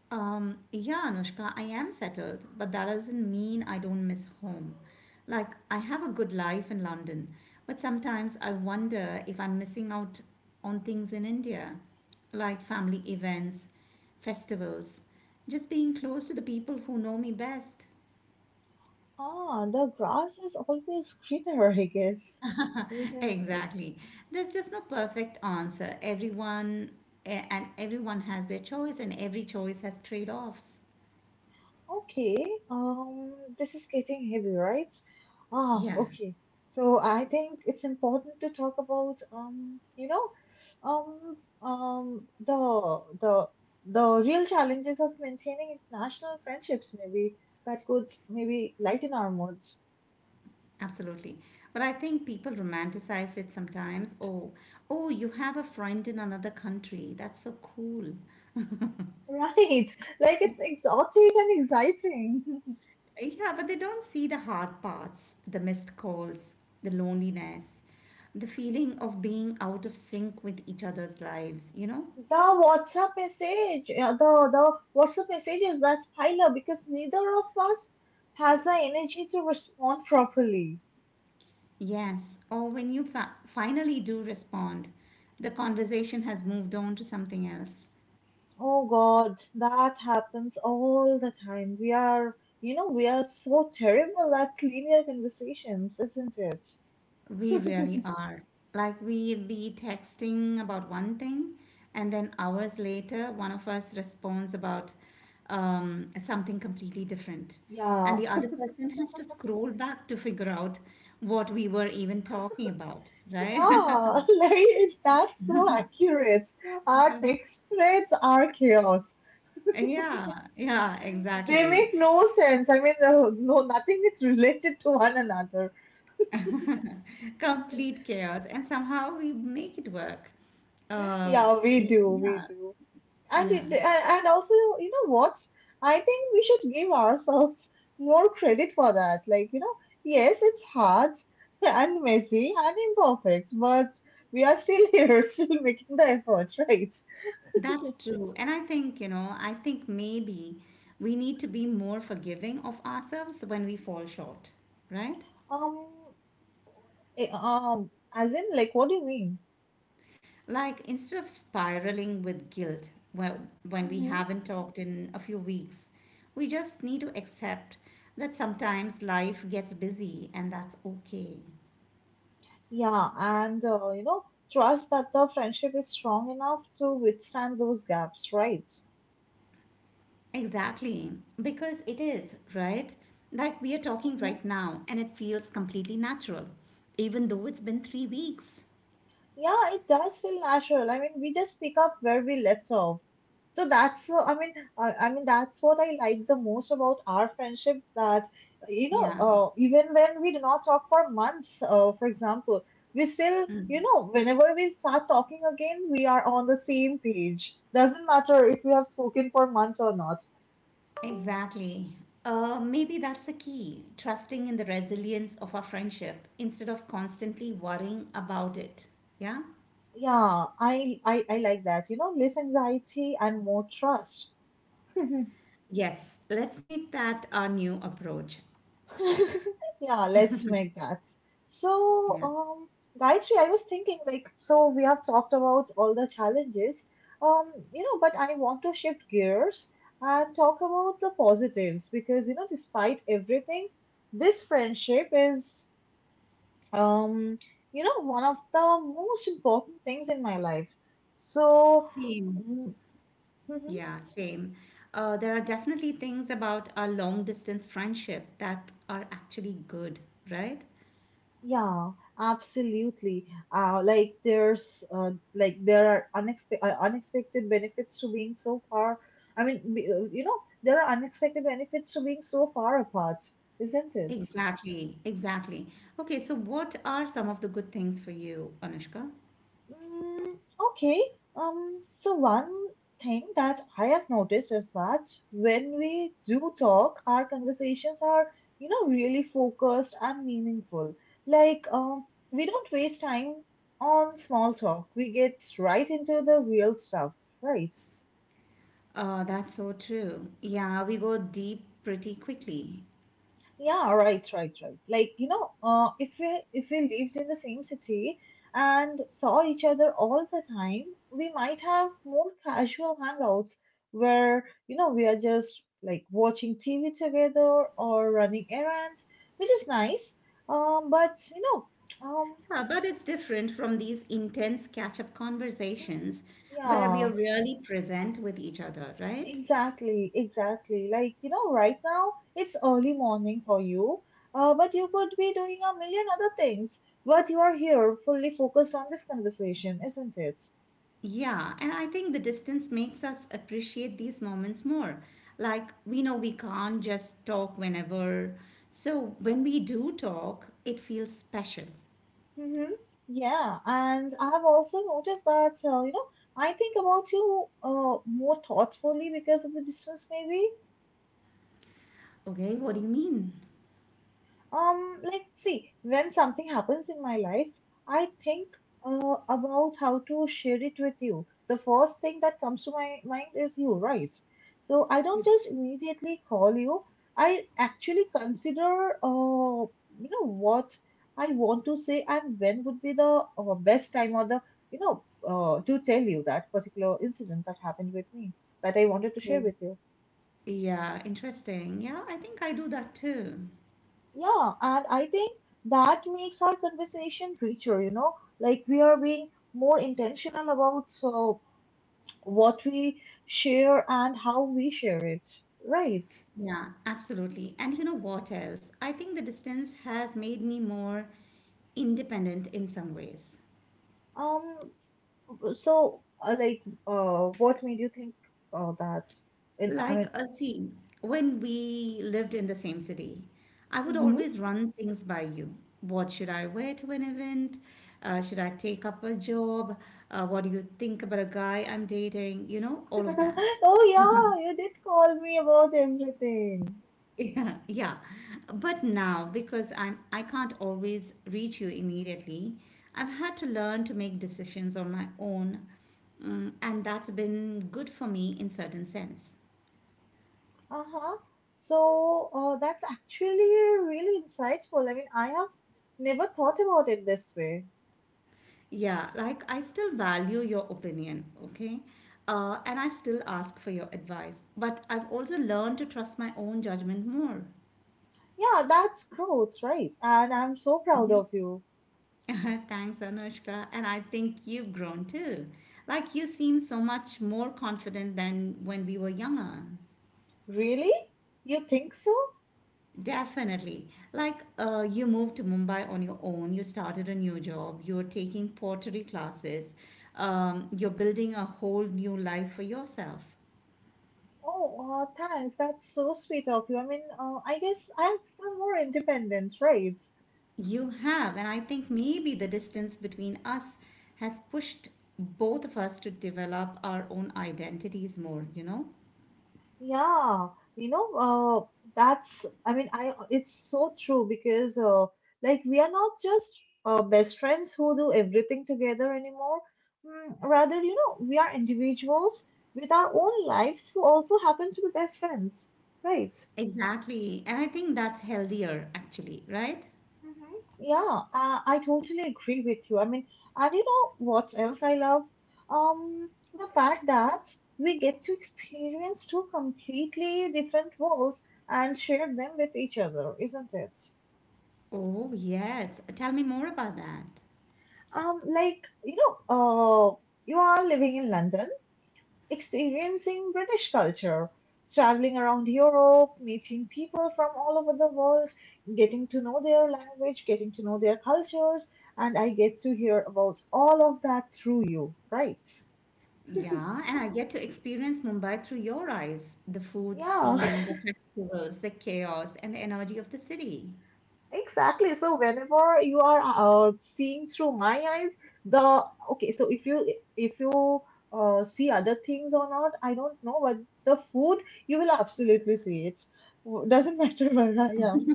Speaker 2: Um, yeah, Anushka, I am settled, but that doesn't mean I don't miss home. Like, I have a good life in London, but sometimes I wonder if I'm missing out on things in India, like family events, festivals, just being close to the people who know me best.
Speaker 1: Ah, the grass is always greener, I guess, isn't it?
Speaker 2: Exactly. There's just no perfect answer. Everyone eh, and everyone has their choice, and every choice has trade offs.
Speaker 1: Okay, um, this is getting heavy, right? Ah,
Speaker 2: Yeah.
Speaker 1: okay. So I think it's important to talk about, um, you know, um, um, the the the real challenges of maintaining international friendships. Maybe that could maybe lighten our moods,
Speaker 2: Absolutely. But I think people romanticize it sometimes. Oh, oh, you have a friend in another country. That's so cool.
Speaker 1: right? Like it's exotic and exciting.
Speaker 2: Yeah, but they don't see the hard parts, the missed calls, the loneliness, the feeling of being out of sync with each other's lives, you know?
Speaker 1: The WhatsApp message, yeah, the the WhatsApp message is that pile up because neither of us has the energy to respond properly.
Speaker 2: Yes. Or when you fa- finally do respond, the conversation has moved on to something else.
Speaker 1: Oh God, that happens all the time. We are, you know, we are so terrible at linear conversations, isn't it?
Speaker 2: We really are. Like we'll be texting about one thing, and then hours later, one of us responds about um, something completely different. And
Speaker 1: Yeah,
Speaker 2: the other person has to scroll back to figure out what we were even talking about, right?
Speaker 1: yeah, like that's so accurate. Our text threads are chaos.
Speaker 2: Yeah, yeah,
Speaker 1: They
Speaker 2: exactly.
Speaker 1: make no sense. I mean, no, no, nothing is related to one another.
Speaker 2: Complete chaos. And somehow we make it work. Um,
Speaker 1: Yeah, we
Speaker 2: y-
Speaker 1: do, we
Speaker 2: yeah,
Speaker 1: do. And
Speaker 2: yeah.
Speaker 1: it, and and also, you know what? I think we should give ourselves more credit for that. Like, you know, yes, it's hard and messy and imperfect, but we are still here, still making the effort, right?
Speaker 2: That's true. And I think, you know, I think maybe we need to be more forgiving of ourselves when we fall short, right?
Speaker 1: Um, eh, um, as in, like, what do you mean?
Speaker 2: Like instead of spiraling with guilt, well, when we
Speaker 1: Hmm.
Speaker 2: haven't talked in a few weeks, we just need to accept that sometimes life gets busy and that's okay.
Speaker 1: Yeah, and uh, you know, trust that the friendship is strong enough to withstand those gaps, right?
Speaker 2: Exactly, because it is, right? Like we are talking right now and it feels completely natural, even though it's been three weeks.
Speaker 1: Yeah, it does feel natural. I mean, we just pick up where we left off. So that's, uh, I mean, uh, I mean that's what I like the most about our friendship. That you know,
Speaker 2: Yeah.
Speaker 1: uh, even when we do not talk for months, uh, for example, we still,
Speaker 2: Mm.
Speaker 1: you know, whenever we start talking again, we are on the same page. Doesn't matter if we have spoken for months or not.
Speaker 2: Exactly. Uh, maybe that's the key trusting in the resilience of our friendship instead of constantly worrying about it. Yeah?
Speaker 1: Yeah, I, I, I like that. You know, less anxiety and more trust.
Speaker 2: Yes, let's make that our new approach.
Speaker 1: Yeah, let's make that. So,
Speaker 2: Yeah,
Speaker 1: um, Gayatri, I was thinking, like, so we have talked about all the challenges, um, you know, but I want to shift gears and talk about the positives because, you know, despite everything, this friendship is, um, you know, one of the most important things in my life. So,
Speaker 2: same.
Speaker 1: mm.
Speaker 2: Yeah, same. Uh, there are definitely things about our long distance friendship that are actually good, right?
Speaker 1: Yeah, absolutely. Uh, like there's uh, like there are unexpe- uh, unexpected benefits to being so far. I mean, be- uh, you know, there are unexpected benefits to being so far apart, isn't it?
Speaker 2: Exactly, exactly. Okay, so what are some of the good things for you, Anushka?
Speaker 1: Mm, okay. Um, so one thing that I have noticed is that when we do talk, our conversations are, you know, really focused and meaningful. Like, um, we don't waste time on small talk. We get right into the real stuff, right?
Speaker 2: Oh, that's so true. Yeah, we go deep pretty quickly.
Speaker 1: Yeah, right, right, right. Like, you know, uh, if we if we lived in the same city and saw each other all the time, we might have more casual hangouts where, you know, we are just like watching T V together or running errands, which is nice. Um, but you know, um,
Speaker 2: Yeah, but it's different from these intense catch-up
Speaker 1: mhm,
Speaker 2: conversations where we are
Speaker 1: yeah.
Speaker 2: really present with each other, right?
Speaker 1: Exactly, exactly. Like, you know, right now it's early morning for you, uh, but you could be doing a million other things. But you are here fully focused on this conversation, isn't it?
Speaker 2: Yeah, and I think the distance makes us appreciate these moments more. Like, we know we can't just talk whenever. So when we do talk, it feels special.
Speaker 1: Mm-hmm. Yeah, and I have also noticed that, uh, you know, I think about you uh, more thoughtfully because of the distance, maybe.
Speaker 2: Okay, what do you mean?
Speaker 1: Um, let's see. When something happens in my life, I think uh, about how to share it with you. The first thing that comes to my mind is you, right? So I don't
Speaker 2: Yeah.
Speaker 1: just immediately call you. I actually consider, uh, you know, what I want to say and when would be the uh, best time or the, you know, uh, to tell you that particular incident that happened with me that I wanted to share with you.
Speaker 2: Yeah, interesting. Yeah, I think I do that too.
Speaker 1: Yeah, and I think that makes our conversation richer, you know, like we are being more intentional about so what we share and how we share it, right?
Speaker 2: Yeah, absolutely. And you know what else? I think the distance has made me more independent in some ways.
Speaker 1: Um, so uh, like, uh, what made you think uh, that? In, I
Speaker 2: Like,
Speaker 1: mean,
Speaker 2: uh, see, when we lived in the same city, I would
Speaker 1: hmm.
Speaker 2: always run things by you. What should I wear to an event? Uh, should I take up a job? Uh, what do you think about a guy I'm dating? You know, all of that.
Speaker 1: Oh yeah, you did call me about everything.
Speaker 2: Yeah, yeah. But now, because I'm I can't always reach you immediately, I've had to learn to make decisions on my own, mm, and that's been good for me in certain sense.
Speaker 1: Uh-huh. So, uh, that's actually really insightful. I mean, I have never thought about it this way.
Speaker 2: Yeah, like I still value your opinion, okay? Uh, and I still ask for your advice, but I've also learned to trust my own judgment more.
Speaker 1: Yeah, that's growth, right? And I'm so proud of you.
Speaker 2: Thanks, Anushka. And I think you've grown too. Like you seem so much more confident than when we were younger.
Speaker 1: Really? You think so?
Speaker 2: Definitely. Like uh, you moved to Mumbai on your own, you started a new job, you're taking pottery classes, um, you're building a whole new life for yourself.
Speaker 1: Oh, uh, thanks. That's so sweet of you. I mean, uh, I guess I've become more independent, right?
Speaker 2: You have, and I think maybe the distance between us has pushed both of us to develop our own identities more, you know?
Speaker 1: Yeah, you know, uh, that's, I mean, I it's so true because uh, like we are not just uh, best friends who do everything together anymore. Mm, rather, you know, we are individuals with our own lives who also happen to be best friends, right?
Speaker 2: Exactly. And I think that's healthier, actually, right?
Speaker 1: Mm-hmm. Yeah, uh, I totally agree with you. I mean, and you know what else I love? Um, the fact that we get to experience two completely different worlds and share them with each other, isn't it?
Speaker 2: Oh, yes. Tell me more about that.
Speaker 1: Um, like, you know, uh, you are living in London experiencing British culture, traveling around Europe, meeting people from all over the world, getting to know their language, getting to know their cultures, and I get to hear about all of that through you, right?
Speaker 2: Yeah, and I get to experience Mumbai through your eyes, the food
Speaker 1: Yeah,
Speaker 2: scene, the festivals, the chaos, and the energy of the city.
Speaker 1: exactly. So whenever you are uh, seeing through my eyes, the okay. So if you if you uh, see other things or not, I don't know. But the food, you will absolutely see it. Doesn't matter where I am.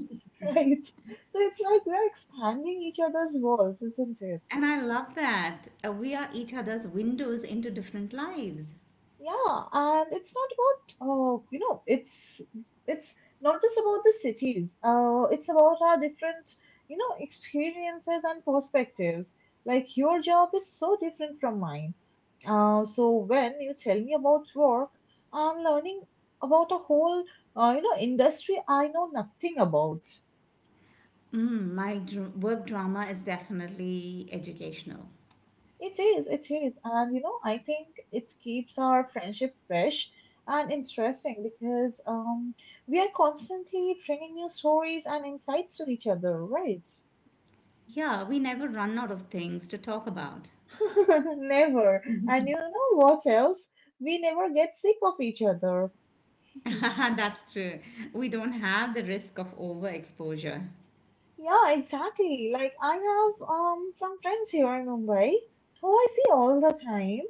Speaker 1: Right. So it's like we're expanding each other's walls, isn't it?
Speaker 2: And I love that. Uh, We are each other's windows into different lives.
Speaker 1: Yeah, and it's not about uh, you know, it's it's not just about the cities. Uh, it's about our different, you know, experiences and perspectives. Like your job is so different from mine. Uh, so when you tell me about work, I'm learning about a whole, uh, you know, industry I know nothing about.
Speaker 2: Mm, my dr- work drama is definitely educational.
Speaker 1: It is, it is. And you know, I think it keeps our friendship fresh and interesting because um, we are constantly bringing new stories and insights to each other, right?
Speaker 2: Yeah, we never run out of things to talk about.
Speaker 1: Never. And you know what else? We never get sick of each other.
Speaker 2: That's true. We don't have the risk of overexposure.
Speaker 1: Yeah, exactly. Like I have um some friends here in Mumbai who I see all the time,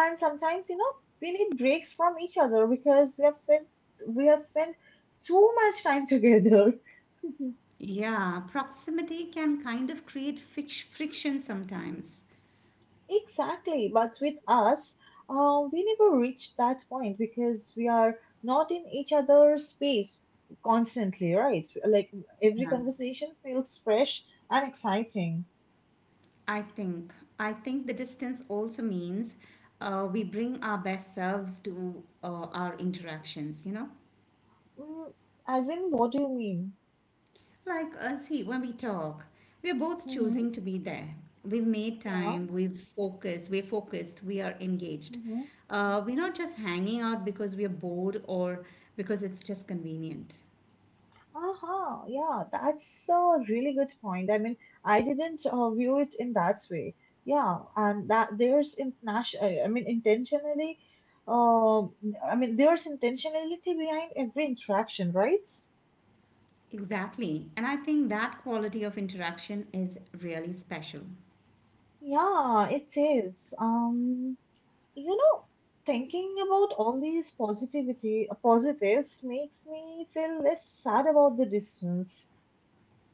Speaker 1: and sometimes you know we need breaks from each other because we have spent we have spent too much time together.
Speaker 2: Yeah, proximity can kind of create fic- friction sometimes.
Speaker 1: Exactly, but with us, um, we never reach that point because we are not in each other's space constantly, right? Like every conversation feels fresh and exciting.
Speaker 2: I think. I think the distance also means uh, we bring our best selves to uh, our interactions, you know?
Speaker 1: Mm, as in, what do you mean?
Speaker 2: Like, uh, see, when we talk, we're both
Speaker 1: Hmm.
Speaker 2: choosing to be there. We've made
Speaker 1: Yeah.
Speaker 2: time, we've focused, we're focused, we are engaged.
Speaker 1: Mm-hmm.
Speaker 2: Uh, we're not just hanging out because we are bored or because it's just convenient.
Speaker 1: Aha, yeah, that's a really good point. I mean, I didn't uh, view it in that way. Yeah, and that there's international, I mean, intentionally, uh, I mean, There's intentionality behind every interaction, right?
Speaker 2: Exactly. And I think that quality of interaction is really special.
Speaker 1: Yeah, it is. Um, you know, thinking about all these positivity, uh, positives makes me feel less sad about the distance.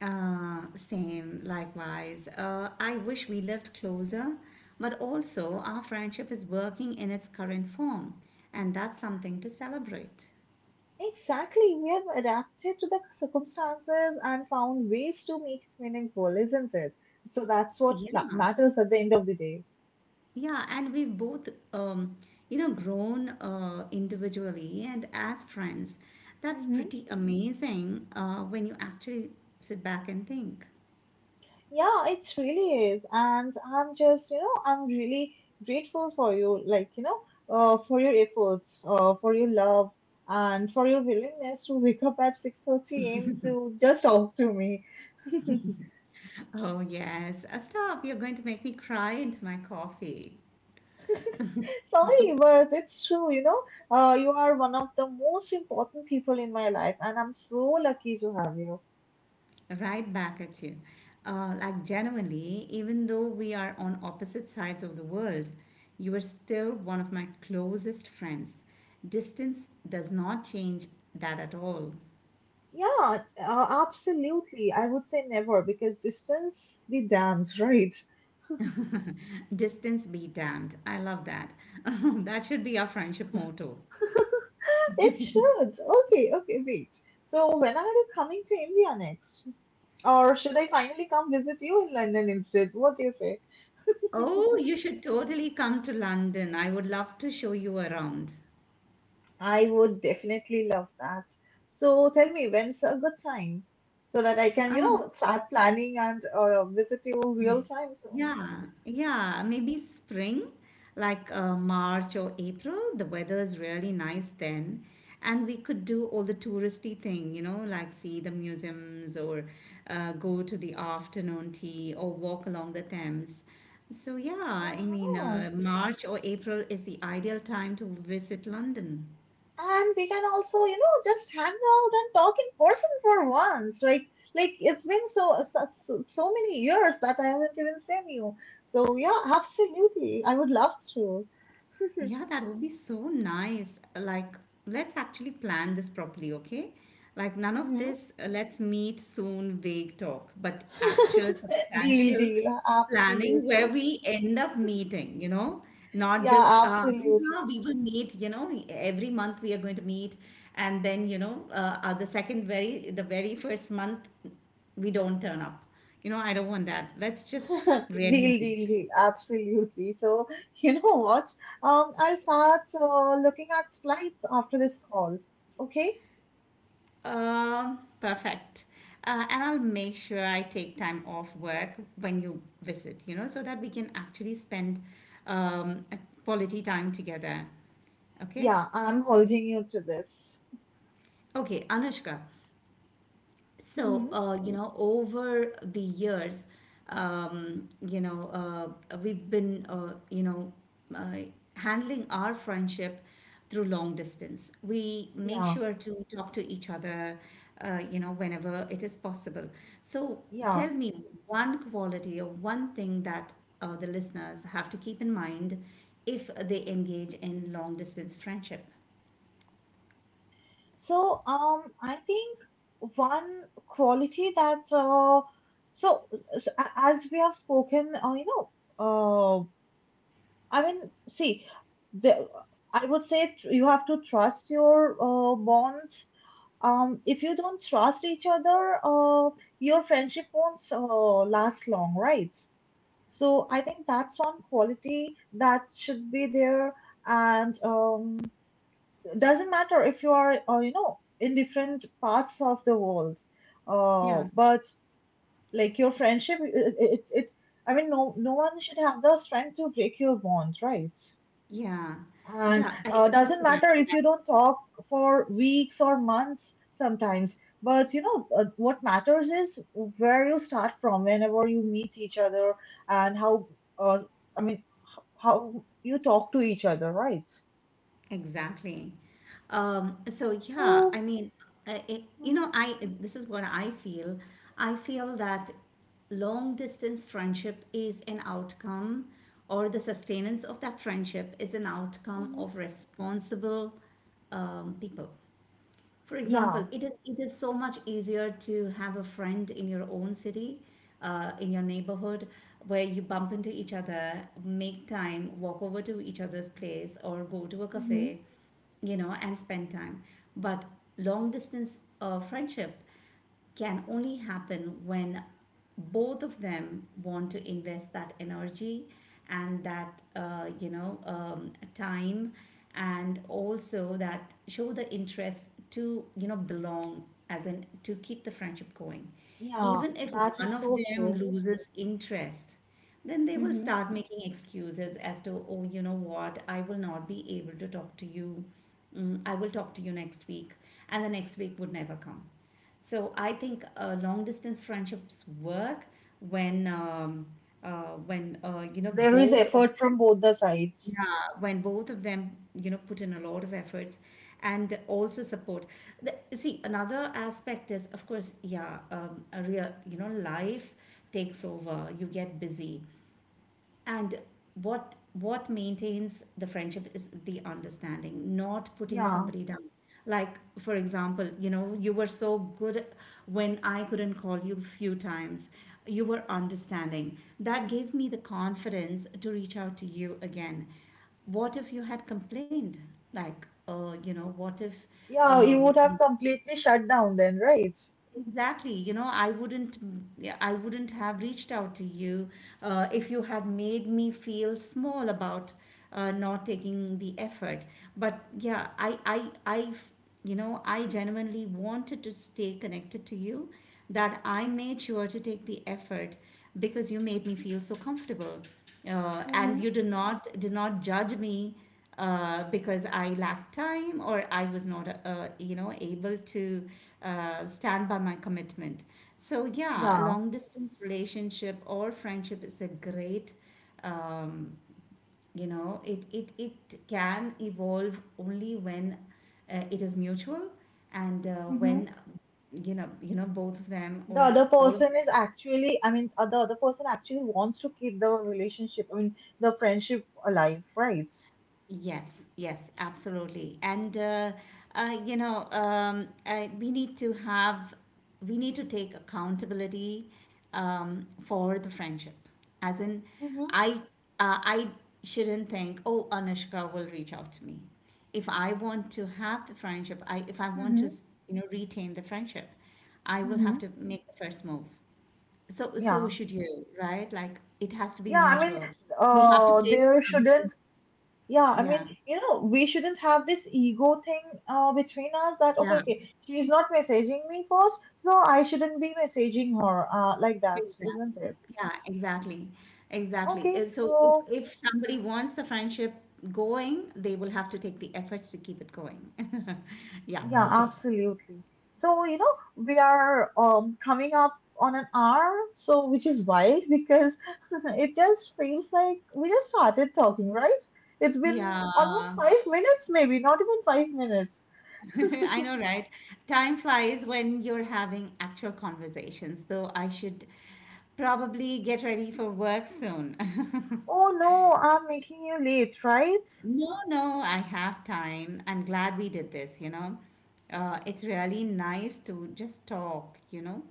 Speaker 2: Uh, same, likewise. Uh, I wish we lived closer, but also our friendship is working in its current form, and that's something to celebrate.
Speaker 1: Exactly. We have adapted to the circumstances and found ways to make it meaningful, isn't it? So that's what
Speaker 2: Yeah,
Speaker 1: pla- matters at the end of the day.
Speaker 2: yeah, and we've both, um, you know, grown uh, individually and as friends. That's
Speaker 1: Hmm.
Speaker 2: pretty amazing uh, when you actually sit back and think.
Speaker 1: Yeah, it really is. And I'm just, you know, I'm really grateful for you, like, you know, uh, for your efforts, uh, for your love, and for your willingness to wake up at six thirty a m to just talk to me.
Speaker 2: Oh, yes. Uh, stop. You're going to make me cry into my coffee.
Speaker 1: Sorry, but it's true, you know. Uh, you are one of the most important people in my life, and I'm so lucky to have you.
Speaker 2: Right back at you. Uh, like, genuinely, even though we are on opposite sides of the world, you are still one of my closest friends. Distance does not change that at all.
Speaker 1: Yeah, uh, absolutely. I would say never because distance be damned, right?
Speaker 2: Distance be damned. I love that. That should be our friendship motto.
Speaker 1: It should. Okay, okay, wait. So, when are you coming to India next? Or should I finally come visit you in London instead? What do you say?
Speaker 2: Oh, you should totally come to London. I would love to show you around.
Speaker 1: I would definitely love that. So tell me, when's a good time so that I can, you
Speaker 2: Um,
Speaker 1: know, start planning and uh, visit you real time soon.
Speaker 2: Yeah, yeah, maybe spring, like uh, March or April. The weather is really nice then. And we could do all the touristy thing, you know, like see the museums or uh, go to the afternoon tea or walk along the Thames. So, yeah, I mean,
Speaker 1: Uh-huh.
Speaker 2: uh, March or April is the ideal time to visit London.
Speaker 1: And we can also, you know, just hang out and talk in person for once, right? Like it's been so so, so so many years that I haven't even seen you. So yeah, absolutely, I would love to.
Speaker 2: Yeah, that would be so nice. Like, let's actually plan this properly, okay? Like, none of
Speaker 1: Mm-hmm.
Speaker 2: this, uh, let's meet soon, vague talk, but actual
Speaker 1: Deal,
Speaker 2: substantial
Speaker 1: deal.
Speaker 2: planning where
Speaker 1: Absolutely.
Speaker 2: we end up meeting, you know? Not just,
Speaker 1: Yeah,
Speaker 2: uh, "Yeah,
Speaker 1: absolutely.
Speaker 2: we will meet, you know, every month we are going to meet. And then, you know, uh, uh, the second very, the very first month, we don't turn up. You know, I don't want that. Let's just really
Speaker 1: Deal,
Speaker 2: meet.
Speaker 1: deal, deal. Absolutely. So, you know what? Um, I'll start uh, looking at flights after this call. Okay?
Speaker 2: Um, perfect. Uh, and I'll make sure I take time off work when you visit, you know, so that we can actually spend um, a quality time together. Okay?
Speaker 1: Yeah, I'm holding you to this.
Speaker 2: Okay, Anushka, so,
Speaker 1: Mm-hmm.
Speaker 2: uh, you know, over the years, um, you know, uh, we've been, uh, you know, uh, handling our friendship through long distance. We make
Speaker 1: Yeah,
Speaker 2: sure to talk to each other, uh, you know, whenever it is possible. So, tell
Speaker 1: yeah.
Speaker 2: me one quality or one thing that uh, the listeners have to keep in mind if they engage in long distance friendship.
Speaker 1: So, um, I think one quality that uh, so, so a- as we have spoken, uh, you know, uh, I mean, see, the, I would say tr- you have to trust your uh, bonds. Um, if you don't trust each other, uh, your friendship won't uh, last long, right? So I think that's one quality that should be there, and um, doesn't matter if you are, uh, you know, in different parts of the world. Uh,
Speaker 2: Yeah,
Speaker 1: but like your friendship, it, it, it, I mean, no, no one should have the strength to break your bonds, right?
Speaker 2: yeah,
Speaker 1: And
Speaker 2: yeah. I
Speaker 1: uh,
Speaker 2: agree
Speaker 1: doesn't matter
Speaker 2: to
Speaker 1: if
Speaker 2: that.
Speaker 1: you don't talk for weeks or months sometimes, but you know uh, what matters is where you start from whenever you meet each other and how, uh, i mean how you talk to each other, right?
Speaker 2: Exactly. Um, so yeah,
Speaker 1: So
Speaker 2: I mean, uh, it, you
Speaker 1: mhm,
Speaker 2: know, I this is what I feel. I feel that long distance friendship is an outcome, or the sustenance of that friendship is an outcome
Speaker 1: mhm,
Speaker 2: of responsible um, people. For example,
Speaker 1: yeah.
Speaker 2: it is it is so much easier to have a friend in your own city, uh, in your neighborhood, where you bump into each other, make time, walk over to each other's place, or go to a
Speaker 1: Hmm.
Speaker 2: cafe, you know, and spend time. But long distance uh, friendship can only happen when both of them want to invest that energy and that, uh, you know um, time, and also that show the interest to, you know, belong, as in to keep the friendship going,
Speaker 1: Yeah,
Speaker 2: even if
Speaker 1: that
Speaker 2: one
Speaker 1: is
Speaker 2: of
Speaker 1: so
Speaker 2: them
Speaker 1: true.
Speaker 2: loses interest. Then they will
Speaker 1: Hmm.
Speaker 2: start making excuses as to, oh, you know what, I will not be able to talk to you. Mm, I will talk to you next week, and the next week would never come. So I think uh, long distance friendships work when um, uh, when uh, you know,
Speaker 1: There is
Speaker 2: both of
Speaker 1: effort from
Speaker 2: them,
Speaker 1: both the sides.
Speaker 2: yeah, when both of them, you know, put in a lot of efforts and also support. The, see, another aspect is, of course, yeah, um, a real, you know, life takes over. You get busy, and what what maintains the friendship is the understanding, not putting
Speaker 1: Yeah,
Speaker 2: somebody down. Like, for example, you know, you were so good when I couldn't call you few times. You were understanding, that gave me the confidence to reach out to you again. What if you had complained? Like uh, you know what if
Speaker 1: yeah, you
Speaker 2: um,
Speaker 1: would have completely shut down then, right?
Speaker 2: Exactly. You know, I wouldn't, yeah, I wouldn't have reached out to you uh, if you had made me feel small about uh, not taking the effort. But yeah, I, I, I, you know, I genuinely wanted to stay connected to you, that I made sure to take the effort because you made me feel so comfortable, uh, and you
Speaker 1: Hmm.
Speaker 2: did not did not judge me uh, because I lacked time or I was not, uh, you know, able to uh, stand by my commitment. So, yeah, a
Speaker 1: Yeah.
Speaker 2: long distance relationship or friendship is a great, um, you know, it, it, it can evolve only when uh, it is mutual, and uh,
Speaker 1: Mm-hmm.
Speaker 2: when, you know, you know, both of them
Speaker 1: The
Speaker 2: or
Speaker 1: other
Speaker 2: all of
Speaker 1: person
Speaker 2: them.
Speaker 1: is actually, i mean uh, the other person actually wants to keep the relationship, I mean, the friendship alive, right?
Speaker 2: Yes, yes, absolutely. And uh, uh, you know, um, uh, we need to have, We need to take accountability um, for the friendship. As in,
Speaker 1: Mm-hmm,
Speaker 2: I, uh, I shouldn't think, oh, Anushka will reach out to me. If I want to have the friendship, I if I want
Speaker 1: mm-hmm,
Speaker 2: to, you know, retain the friendship, I will have
Speaker 1: mm-hmm.
Speaker 2: to make the first move. So, so
Speaker 1: Yeah,
Speaker 2: should you, right? Like it has to be
Speaker 1: yeah, i mean
Speaker 2: mutual. We have to
Speaker 1: uh
Speaker 2: place
Speaker 1: there
Speaker 2: the other,
Speaker 1: shouldn't. Yeah, I
Speaker 2: yeah,
Speaker 1: mean, you know, we shouldn't have this ego thing uh between us that okay,
Speaker 2: yeah.
Speaker 1: okay, she's not messaging me first so I shouldn't be messaging her, uh like that, isn't
Speaker 2: Exactly.
Speaker 1: it?
Speaker 2: Yeah, exactly. Exactly.
Speaker 1: Okay,
Speaker 2: Uh, so if
Speaker 1: so
Speaker 2: if somebody wants the friendship going, they will have to take the efforts to keep it going. Yeah.
Speaker 1: yeah,
Speaker 2: Okay.
Speaker 1: absolutely. So, you know, we are um coming up on an hour, so, which is wild because it just feels like we just started talking, right? It's been almost
Speaker 2: Yeah.
Speaker 1: five minutes, maybe, not even five minutes.
Speaker 2: I know, right? Time flies when you're having actual conversations, though I should probably get ready for work soon.
Speaker 1: Oh no, I'm making you late, right?
Speaker 2: No, no, I have time. I'm glad we did this, you know. Uh, it's really nice to just talk, you know.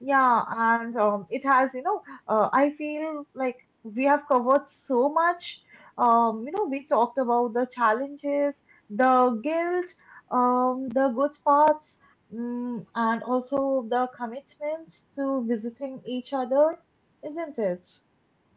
Speaker 1: Yeah, and um, it has, you know, uh, I feel like we have covered so much. Um, you know, we talked about the challenges, the guilt, um, the good parts, mm, and also the commitments to visiting each other, isn't it?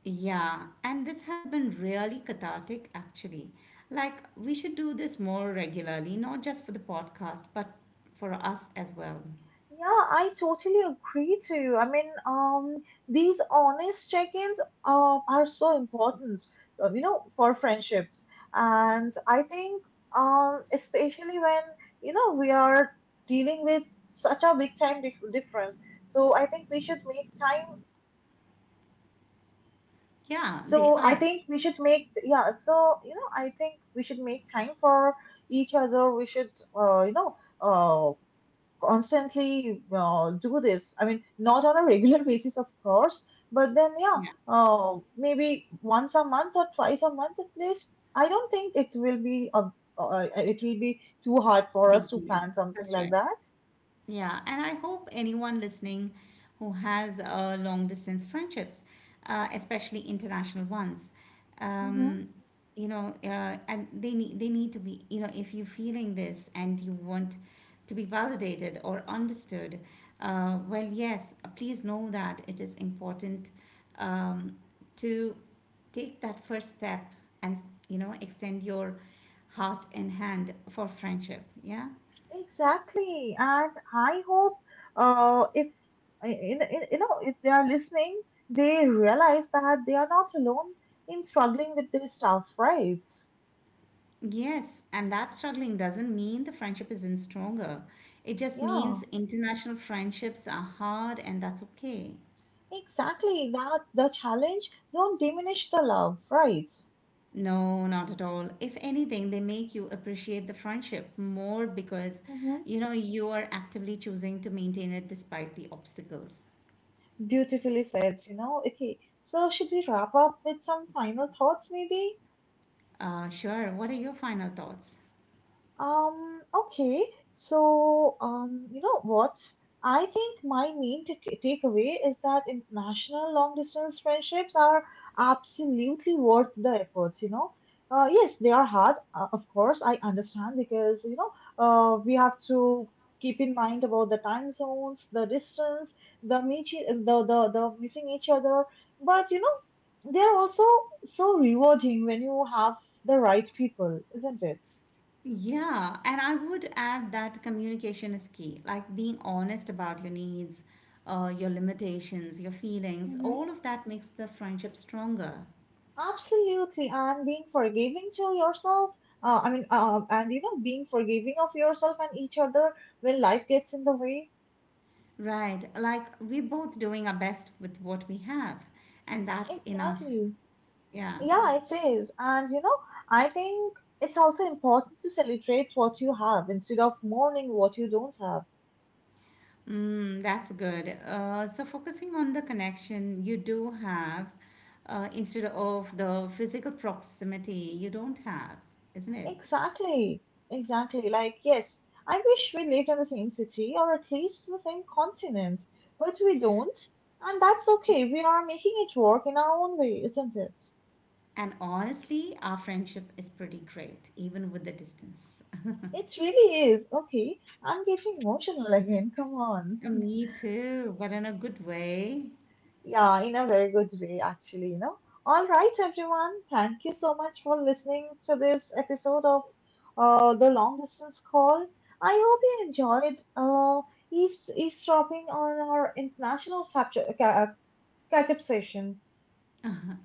Speaker 2: Yeah, and this has been really cathartic actually. Like, we should do this more regularly, not just for the podcast, but for us as well.
Speaker 1: Yeah, I totally agree to you. I mean, um, these honest check-ins uh are so important, uh, you know, for friendships. And I think, um, especially when, you know, we are dealing with such a big time dif difference. So I think we should make time.
Speaker 2: Yeah, they
Speaker 1: So I
Speaker 2: are.
Speaker 1: think we should make, yeah, so, you know, I think we should make time for each other. We should, uh, you know, uh, constantly uh, do this. I mean, not on a regular basis, of course, but then, yeah,
Speaker 2: Yeah,
Speaker 1: uh, maybe once a month or twice a month at least. I don't think it will be a, uh, it will be too hard for us
Speaker 2: big
Speaker 1: to
Speaker 2: deal.
Speaker 1: plan something
Speaker 2: That's
Speaker 1: like
Speaker 2: right.
Speaker 1: that.
Speaker 2: Yeah, and I hope anyone listening who has uh, long distance friendships, uh, especially international ones,
Speaker 1: Hmm.
Speaker 2: um, you know, uh, and they need they need to be, you know, if you're feeling this and you want to be validated or understood, uh, well, yes, please know that it is important um, to take that first step and, you know, extend your heart and hand for friendship. Yeah.
Speaker 1: Exactly, and I hope uh, if in, in, you know, if they are listening, they realize that they are not alone in struggling with this stuff, right?
Speaker 2: Yes, and that struggling doesn't mean the friendship isn't stronger. It just
Speaker 1: Yeah.
Speaker 2: means international friendships are hard and that's okay.
Speaker 1: Exactly, that the challenge don't diminish the love, right?
Speaker 2: No, not at all. If anything, they make you appreciate the friendship more because
Speaker 1: Hmm.
Speaker 2: you know you are actively choosing to maintain it despite the obstacles.
Speaker 1: Beautifully said, you know. Okay, so should we wrap up with some final thoughts maybe?
Speaker 2: Uh, sure, what are your final thoughts?
Speaker 1: Um, okay. So, um, you know what? I think my main t- takeaway is that international long distance friendships are absolutely worth the effort, you know. Uh, yes, they are hard, uh, of course, I understand because, you know, uh, we have to keep in mind about the time zones, the distance, the meet, e, the, the, the missing each other. But, you know, they're also so rewarding when you have the right people, isn't it?
Speaker 2: Yeah, and I would add that communication is key, like being honest about your needs, uh, your limitations, your feelings,
Speaker 1: Mhm.
Speaker 2: all of that makes the friendship stronger,
Speaker 1: Absolutely, and being forgiving to yourself, uh, I mean, uh, and you know, being forgiving of yourself and each other when life gets in the way.
Speaker 2: right? Like we're both doing our best with what we have, and that's enough.
Speaker 1: Exactly.
Speaker 2: Yeah.
Speaker 1: Yeah, it is. And you know, I think it's also important to celebrate what you have instead of mourning what you don't have.
Speaker 2: Mm, that's good. Uh, so focusing on the connection you do have, uh, instead of the physical proximity you don't have, isn't it?
Speaker 1: Exactly. Exactly. Like, yes, I wish we lived in the same city or at least the same continent, but we don't. And that's okay. We are making it work in our own way, isn't it?
Speaker 2: And honestly, our friendship is pretty great, even with the distance.
Speaker 1: It really is. Okay, I'm getting emotional again. Come
Speaker 2: Uh,
Speaker 1: on.
Speaker 2: me too, but in a good way.
Speaker 1: Yeah, in a very good way, actually, you know. All right, everyone. Thank you so much for listening to this episode of uh, The Long Distance Call. I hope you enjoyed uh, eaves- eavesdropping on our international capture, ca- uh, catch-up session.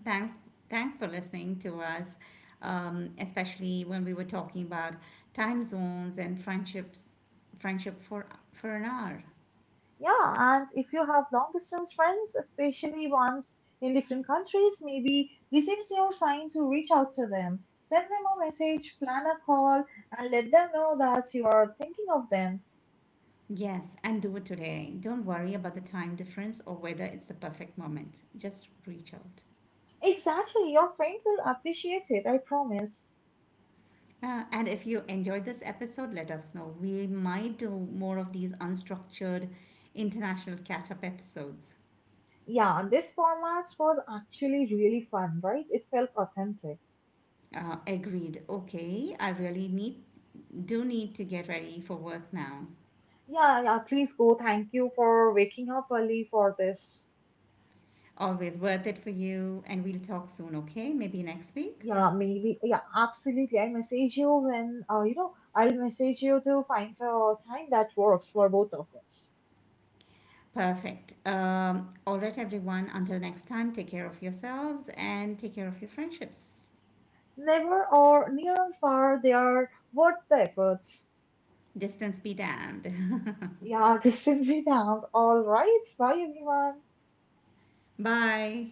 Speaker 2: Thanks, thanks for listening to us, um, especially when we were talking about time zones and friendships, friendship for for an hour.
Speaker 1: Yeah, and if you have long distance friends, especially ones in different countries, maybe this is your sign to reach out to them. Send them a message, plan a call, and let them know that you are thinking of them.
Speaker 2: Yes, and do it today. Don't worry about the time difference or whether it's the perfect moment. Just reach out.
Speaker 1: Exactly, your friend will appreciate it, I promise.
Speaker 2: Uh, and if you enjoyed this episode, let us know. We might do more of these unstructured international catch up episodes.
Speaker 1: Yeah, this format was actually really fun, right? It felt authentic.
Speaker 2: Uh, agreed. Okay, I really need do need to get ready for work now.
Speaker 1: Yeah, yeah, please go. Thank you for waking up early for this.
Speaker 2: Always worth it for you, and we'll talk soon. Okay, maybe next week.
Speaker 1: Yeah, maybe. Yeah, absolutely. I message you when, uh, you know, I'll message you to find a time that works for both of us.
Speaker 2: Perfect. Um, all right, everyone. Until next time, take care of yourselves and take care of your friendships.
Speaker 1: Never or near or far, they are worth the effort.
Speaker 2: Distance be damned.
Speaker 1: Yeah, this will be down. All right. Bye, everyone.
Speaker 2: Bye.